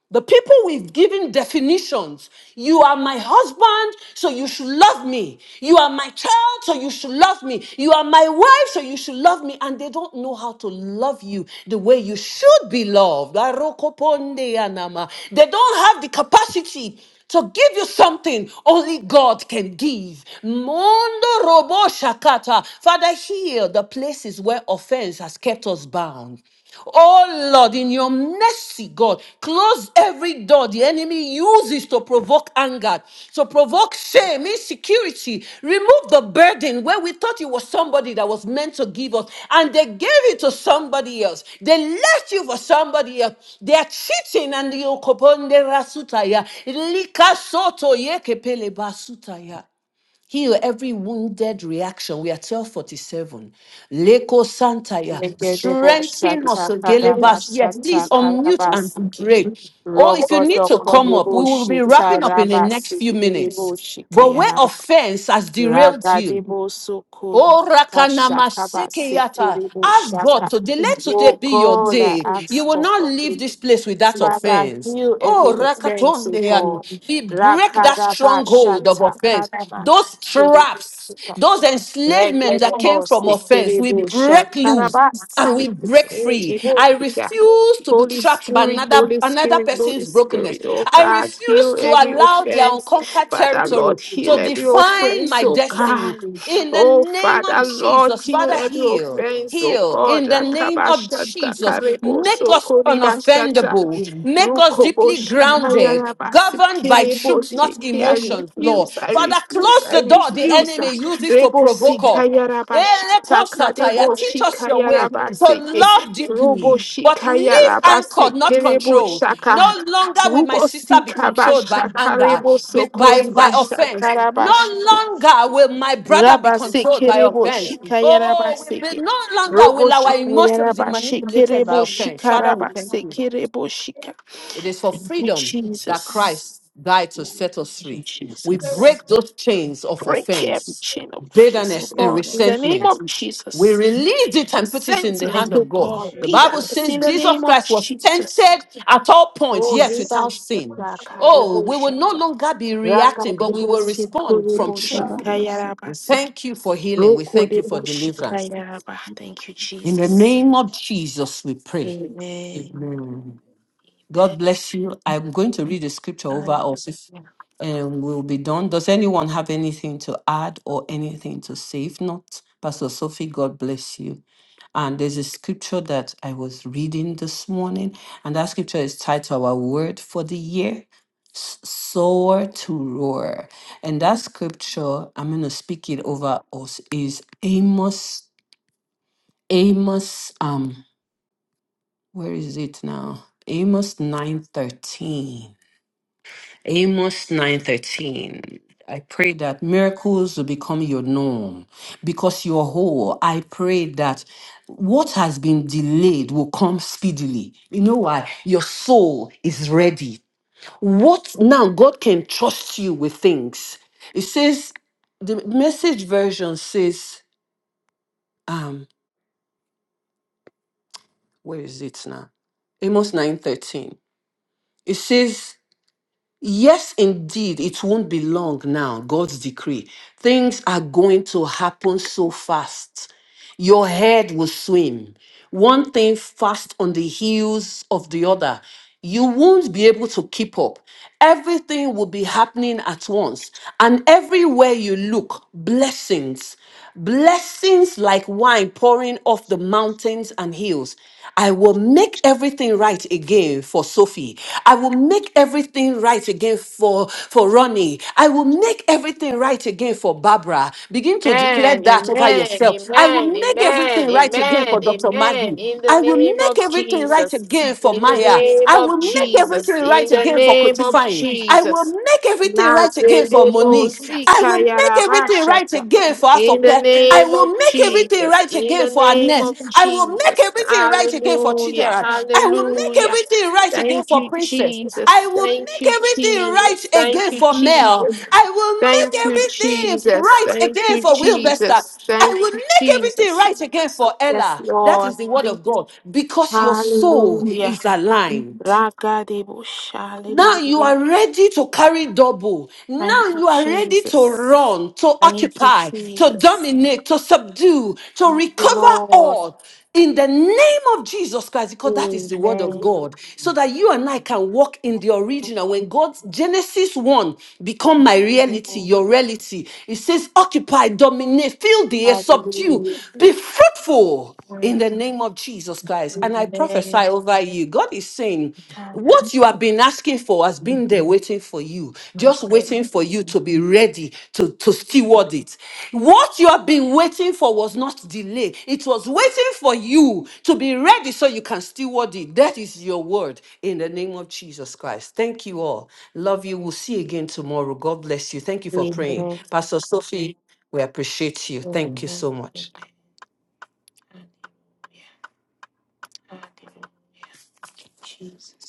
Speaker 1: The people we've given definitions. You are my husband, so you should love me. You are my child, so you should love me. You are my wife, so you should love me. And they don't know how to love you the way you should be loved. Arokoponde anama. They don't have the capacity to give you something only God can give. Mondo robo shakata. Father, heal the places where offense has kept us bound. Oh Lord, in your mercy, God, close every door the enemy uses to provoke anger, to to provoke shame, insecurity, remove the burden where we thought it was somebody that was meant to give us, and they gave it to somebody else. They left you for somebody else. They are cheating and you koponde rasutaya. Lika soto yeke pele basutaya. Heal every wounded reaction. We are 1247. Leko Santaya. Strengthen us, Gelebas. Yes, please unmute and pray.
Speaker 5: Negedeboshatakadabashatakadabasiki.
Speaker 1: Or if you need to come up, we will be wrapping up in the next few minutes. But where
Speaker 5: Rogodokodeboshitarabasikereboshikayaraba.
Speaker 1: offense has derailed you, Oh, Rakanama Sekeyata. Ask God
Speaker 5: Ragadebosokorikashakabasekereboshaka.
Speaker 1: today. Let today
Speaker 5: Oh
Speaker 1: be your
Speaker 5: God, I
Speaker 1: day. You
Speaker 5: ask
Speaker 1: will
Speaker 5: for.
Speaker 1: not leave this place with that
Speaker 5: Father,
Speaker 1: offense.
Speaker 5: heal every
Speaker 1: Oh,
Speaker 5: experience, oh
Speaker 1: Rakatondean.
Speaker 5: God.
Speaker 1: We break that stronghold of offense. Those traps,
Speaker 5: Rakadabashatakadabashikerebosika.
Speaker 1: those enslavement that came from
Speaker 5: Rekedebose,
Speaker 1: offense, we
Speaker 5: kerebosha,
Speaker 1: break loose and we
Speaker 5: karabase,
Speaker 1: break free. I
Speaker 5: kerebosha.
Speaker 1: refuse to be
Speaker 5: Holy
Speaker 1: trapped by
Speaker 5: Spirit,
Speaker 1: another
Speaker 5: Holy
Speaker 1: another
Speaker 5: Spirit, Holy
Speaker 1: person's brokenness.
Speaker 5: Spirit, oh
Speaker 1: I
Speaker 5: God,
Speaker 1: refuse
Speaker 5: heal
Speaker 1: to
Speaker 5: every
Speaker 1: allow their
Speaker 5: offense.
Speaker 1: unconquered
Speaker 5: Father, Lord,
Speaker 1: territory to
Speaker 5: heal every
Speaker 1: define
Speaker 5: offense,
Speaker 1: my
Speaker 5: oh
Speaker 1: destiny.
Speaker 5: God.
Speaker 1: In the
Speaker 5: Oh
Speaker 1: name of
Speaker 5: Father, Lord,
Speaker 1: Jesus,
Speaker 5: heal
Speaker 1: Father,
Speaker 5: every
Speaker 1: heal,
Speaker 5: offense, oh
Speaker 1: heal.
Speaker 5: God.
Speaker 1: In the name of
Speaker 5: Rakabasha,
Speaker 1: Jesus, make
Speaker 5: takareboso,
Speaker 1: us
Speaker 5: koribasha,
Speaker 1: unoffendable, make us deeply
Speaker 5: Rukoboshi
Speaker 1: grounded,
Speaker 5: Kayarabasi
Speaker 1: governed by truth,
Speaker 5: Kirebosi.
Speaker 1: not
Speaker 5: I
Speaker 1: emotions, Lord.
Speaker 5: refuse, I
Speaker 1: Father,
Speaker 5: refuse,
Speaker 1: close
Speaker 5: I
Speaker 1: the door the
Speaker 5: refuse.
Speaker 1: enemy uses to provoke
Speaker 5: Rebosi
Speaker 1: us.
Speaker 5: Kayarabashi
Speaker 1: Elekosataya, Teach
Speaker 5: Sakareboshi
Speaker 1: us your way to
Speaker 5: Kayarabasi.
Speaker 1: love deeply,
Speaker 5: Roboshi
Speaker 1: but live anchored,
Speaker 5: Kayarabasi
Speaker 1: not controlled. No
Speaker 5: Kireboshaka.
Speaker 1: longer will my sister
Speaker 5: Rubosi
Speaker 1: be controlled by
Speaker 5: Kabasha
Speaker 1: anger,
Speaker 5: Kareboso
Speaker 1: with, by, by
Speaker 5: Koribasha
Speaker 1: offense. No
Speaker 5: Karabash.
Speaker 1: longer will my brother be
Speaker 5: Rabasi
Speaker 1: controlled by offense.
Speaker 5: Kireboshi
Speaker 1: Oh, we be,
Speaker 5: Kayarabasi.
Speaker 1: no longer will our
Speaker 5: Roboshi
Speaker 1: emotions be
Speaker 5: Kayarabashi
Speaker 1: manipulated by
Speaker 5: Kireboshi
Speaker 1: offense. Father, we thank
Speaker 5: Karabasi
Speaker 1: you.
Speaker 5: Kireboshi
Speaker 1: It is for
Speaker 5: Thank you,
Speaker 1: freedom that
Speaker 5: Jesus.
Speaker 1: Christ died to set us
Speaker 5: Thank you,
Speaker 1: free. We
Speaker 5: Jesus.
Speaker 1: break those chains of
Speaker 5: Break every
Speaker 1: offense
Speaker 5: chain of offense, oh
Speaker 1: bitterness and
Speaker 5: God, in the name
Speaker 1: resentment
Speaker 5: of
Speaker 1: we
Speaker 5: Jesus.
Speaker 1: release it and put it in the hand
Speaker 5: Resentment,
Speaker 1: of
Speaker 5: oh
Speaker 1: God.
Speaker 5: God,
Speaker 1: The Bible
Speaker 5: bitterness,
Speaker 1: says
Speaker 5: in the
Speaker 1: Jesus
Speaker 5: name of
Speaker 1: Christ was
Speaker 5: Jesus.
Speaker 1: tempted at all points,
Speaker 5: Oh,
Speaker 1: yet
Speaker 5: Reba
Speaker 1: without sin.
Speaker 5: Shaka,
Speaker 1: Oh,
Speaker 5: Debo
Speaker 1: we will no
Speaker 5: Shaka,
Speaker 1: longer be
Speaker 5: Raka
Speaker 1: reacting, but we
Speaker 5: Debo
Speaker 1: will
Speaker 5: Siko
Speaker 1: respond from truth.
Speaker 5: Shikayaraba
Speaker 1: We
Speaker 5: Siki,
Speaker 1: thank you for healing. We
Speaker 5: Roko
Speaker 1: thank you for
Speaker 5: Debo
Speaker 1: deliverance.
Speaker 5: Shikayaraba. Thank you,
Speaker 1: In the
Speaker 5: Jesus.
Speaker 1: name of Jesus, we pray.
Speaker 5: Amen.
Speaker 1: Amen. God bless you. I'm going to read the scripture over us if
Speaker 5: Hallelujah.
Speaker 1: um, we'll be done. Does anyone have anything to add or anything to say? If not, Pastor Sophie, God bless you. And there's a scripture that I was reading this morning, and that scripture is tied to our word for the year. s- Soar to roar. And that scripture, I'm going to speak it over us, is Amos, Amos, um, where is it now? Amos 9 13. Amos 9:13. I pray that miracles will become your norm because you're whole. I pray that what has been delayed will come speedily. You know why? Your soul is ready. What now God can trust you with things. It says the message version says um where is it now? Amos 9:13. It says Yes, indeed, it won't be long now. God's decree. Things are going to happen so fast. Your head will swim. One thing fast on the heels of the other. You won't be able to keep up. Everything will be happening at once. And everywhere you look, blessings, blessings like wine pouring off the mountains and hills. I will make everything right again for Sophie. I will make make everything right again for, for Ronnie. I will make everything right again for Barbara. Begin to declare
Speaker 5: Amen,
Speaker 1: that over
Speaker 5: amen,
Speaker 1: yourself. I will
Speaker 5: amen,
Speaker 1: make
Speaker 5: amen,
Speaker 1: everything right again
Speaker 5: amen,
Speaker 1: for Dr.
Speaker 5: amen.
Speaker 1: Maggie.
Speaker 5: In the
Speaker 1: I will
Speaker 5: name
Speaker 1: make
Speaker 5: of
Speaker 1: everything right
Speaker 5: Jesus,
Speaker 1: again for
Speaker 5: in the
Speaker 1: Maya.
Speaker 5: name
Speaker 1: I will
Speaker 5: of
Speaker 1: make
Speaker 5: Jesus,
Speaker 1: everything right
Speaker 5: in the
Speaker 1: again for
Speaker 5: name of
Speaker 1: Kotifying. I will
Speaker 5: Jesus.
Speaker 1: make everything right again for Monique. I will make everything right
Speaker 5: Nazedebosikayarabashata.
Speaker 1: again for
Speaker 5: In the
Speaker 1: Afoke. I
Speaker 5: name
Speaker 1: will
Speaker 5: of
Speaker 1: make everything
Speaker 5: Jesus,
Speaker 1: right
Speaker 5: in
Speaker 1: again
Speaker 5: the
Speaker 1: for
Speaker 5: name
Speaker 1: Annette.
Speaker 5: of
Speaker 1: I will make
Speaker 5: Jesus.
Speaker 1: everything right again for
Speaker 5: Hallelujah,
Speaker 1: Chidera. I will make
Speaker 5: hallelujah.
Speaker 1: everything right again
Speaker 5: Thank
Speaker 1: for
Speaker 5: you,
Speaker 1: Princess.
Speaker 5: Jesus.
Speaker 1: I will
Speaker 5: Thank
Speaker 1: make
Speaker 5: you,
Speaker 1: everything right
Speaker 5: Jesus. Thank
Speaker 1: again
Speaker 5: you,
Speaker 1: for Mel.
Speaker 5: Jesus.
Speaker 1: I will
Speaker 5: Thank
Speaker 1: make
Speaker 5: you,
Speaker 1: everything
Speaker 5: Jesus.
Speaker 1: right
Speaker 5: Thank
Speaker 1: again
Speaker 5: you,
Speaker 1: for Wilbester.
Speaker 5: Jesus.
Speaker 1: I will
Speaker 5: Thank you,
Speaker 1: make everything
Speaker 5: Jesus.
Speaker 1: right again for
Speaker 5: Yes,
Speaker 1: Ella. That is
Speaker 5: Lord.
Speaker 1: the word
Speaker 5: We-
Speaker 1: of God because your soul
Speaker 5: Hallelujah.
Speaker 1: is aligned.
Speaker 5: Ragadebush.
Speaker 1: Now you
Speaker 5: Hallelujah.
Speaker 1: are ready to carry double. Now
Speaker 5: Thank you,
Speaker 1: you are ready to
Speaker 5: Jesus.
Speaker 1: run, to
Speaker 5: Thank you,
Speaker 1: occupy, to
Speaker 5: Jesus.
Speaker 1: dominate, to subdue, to
Speaker 5: Thank you,
Speaker 1: recover
Speaker 5: Lord.
Speaker 1: all in the name of Jesus Christ, because that is the word of
Speaker 5: Amen.
Speaker 1: God, so that you and I can walk in the original. When God's Genesis 1 become my reality, your reality, it says, occupy, dominate, fill the air, subdue,
Speaker 5: Hallelujah.
Speaker 1: be fruitful in
Speaker 5: Amen.
Speaker 1: the name of Jesus Christ. And I prophesy over you. God is saying, what you have been asking for has been there waiting for you,
Speaker 5: My
Speaker 1: just
Speaker 5: God.
Speaker 1: waiting for you to be ready to, to steward it. What you have been waiting for was not delayed, it was waiting for you to be ready so you can steward it. That is your word in the name of Jesus Christ. Thank you all. Love you. We'll see you again tomorrow. God bless you. Thank you for
Speaker 5: Amen.
Speaker 1: praying. Pastor Sophie, we appreciate you. Thank you
Speaker 5: Amen. Amen.
Speaker 1: so much.
Speaker 5: Hallelujah. Jesus.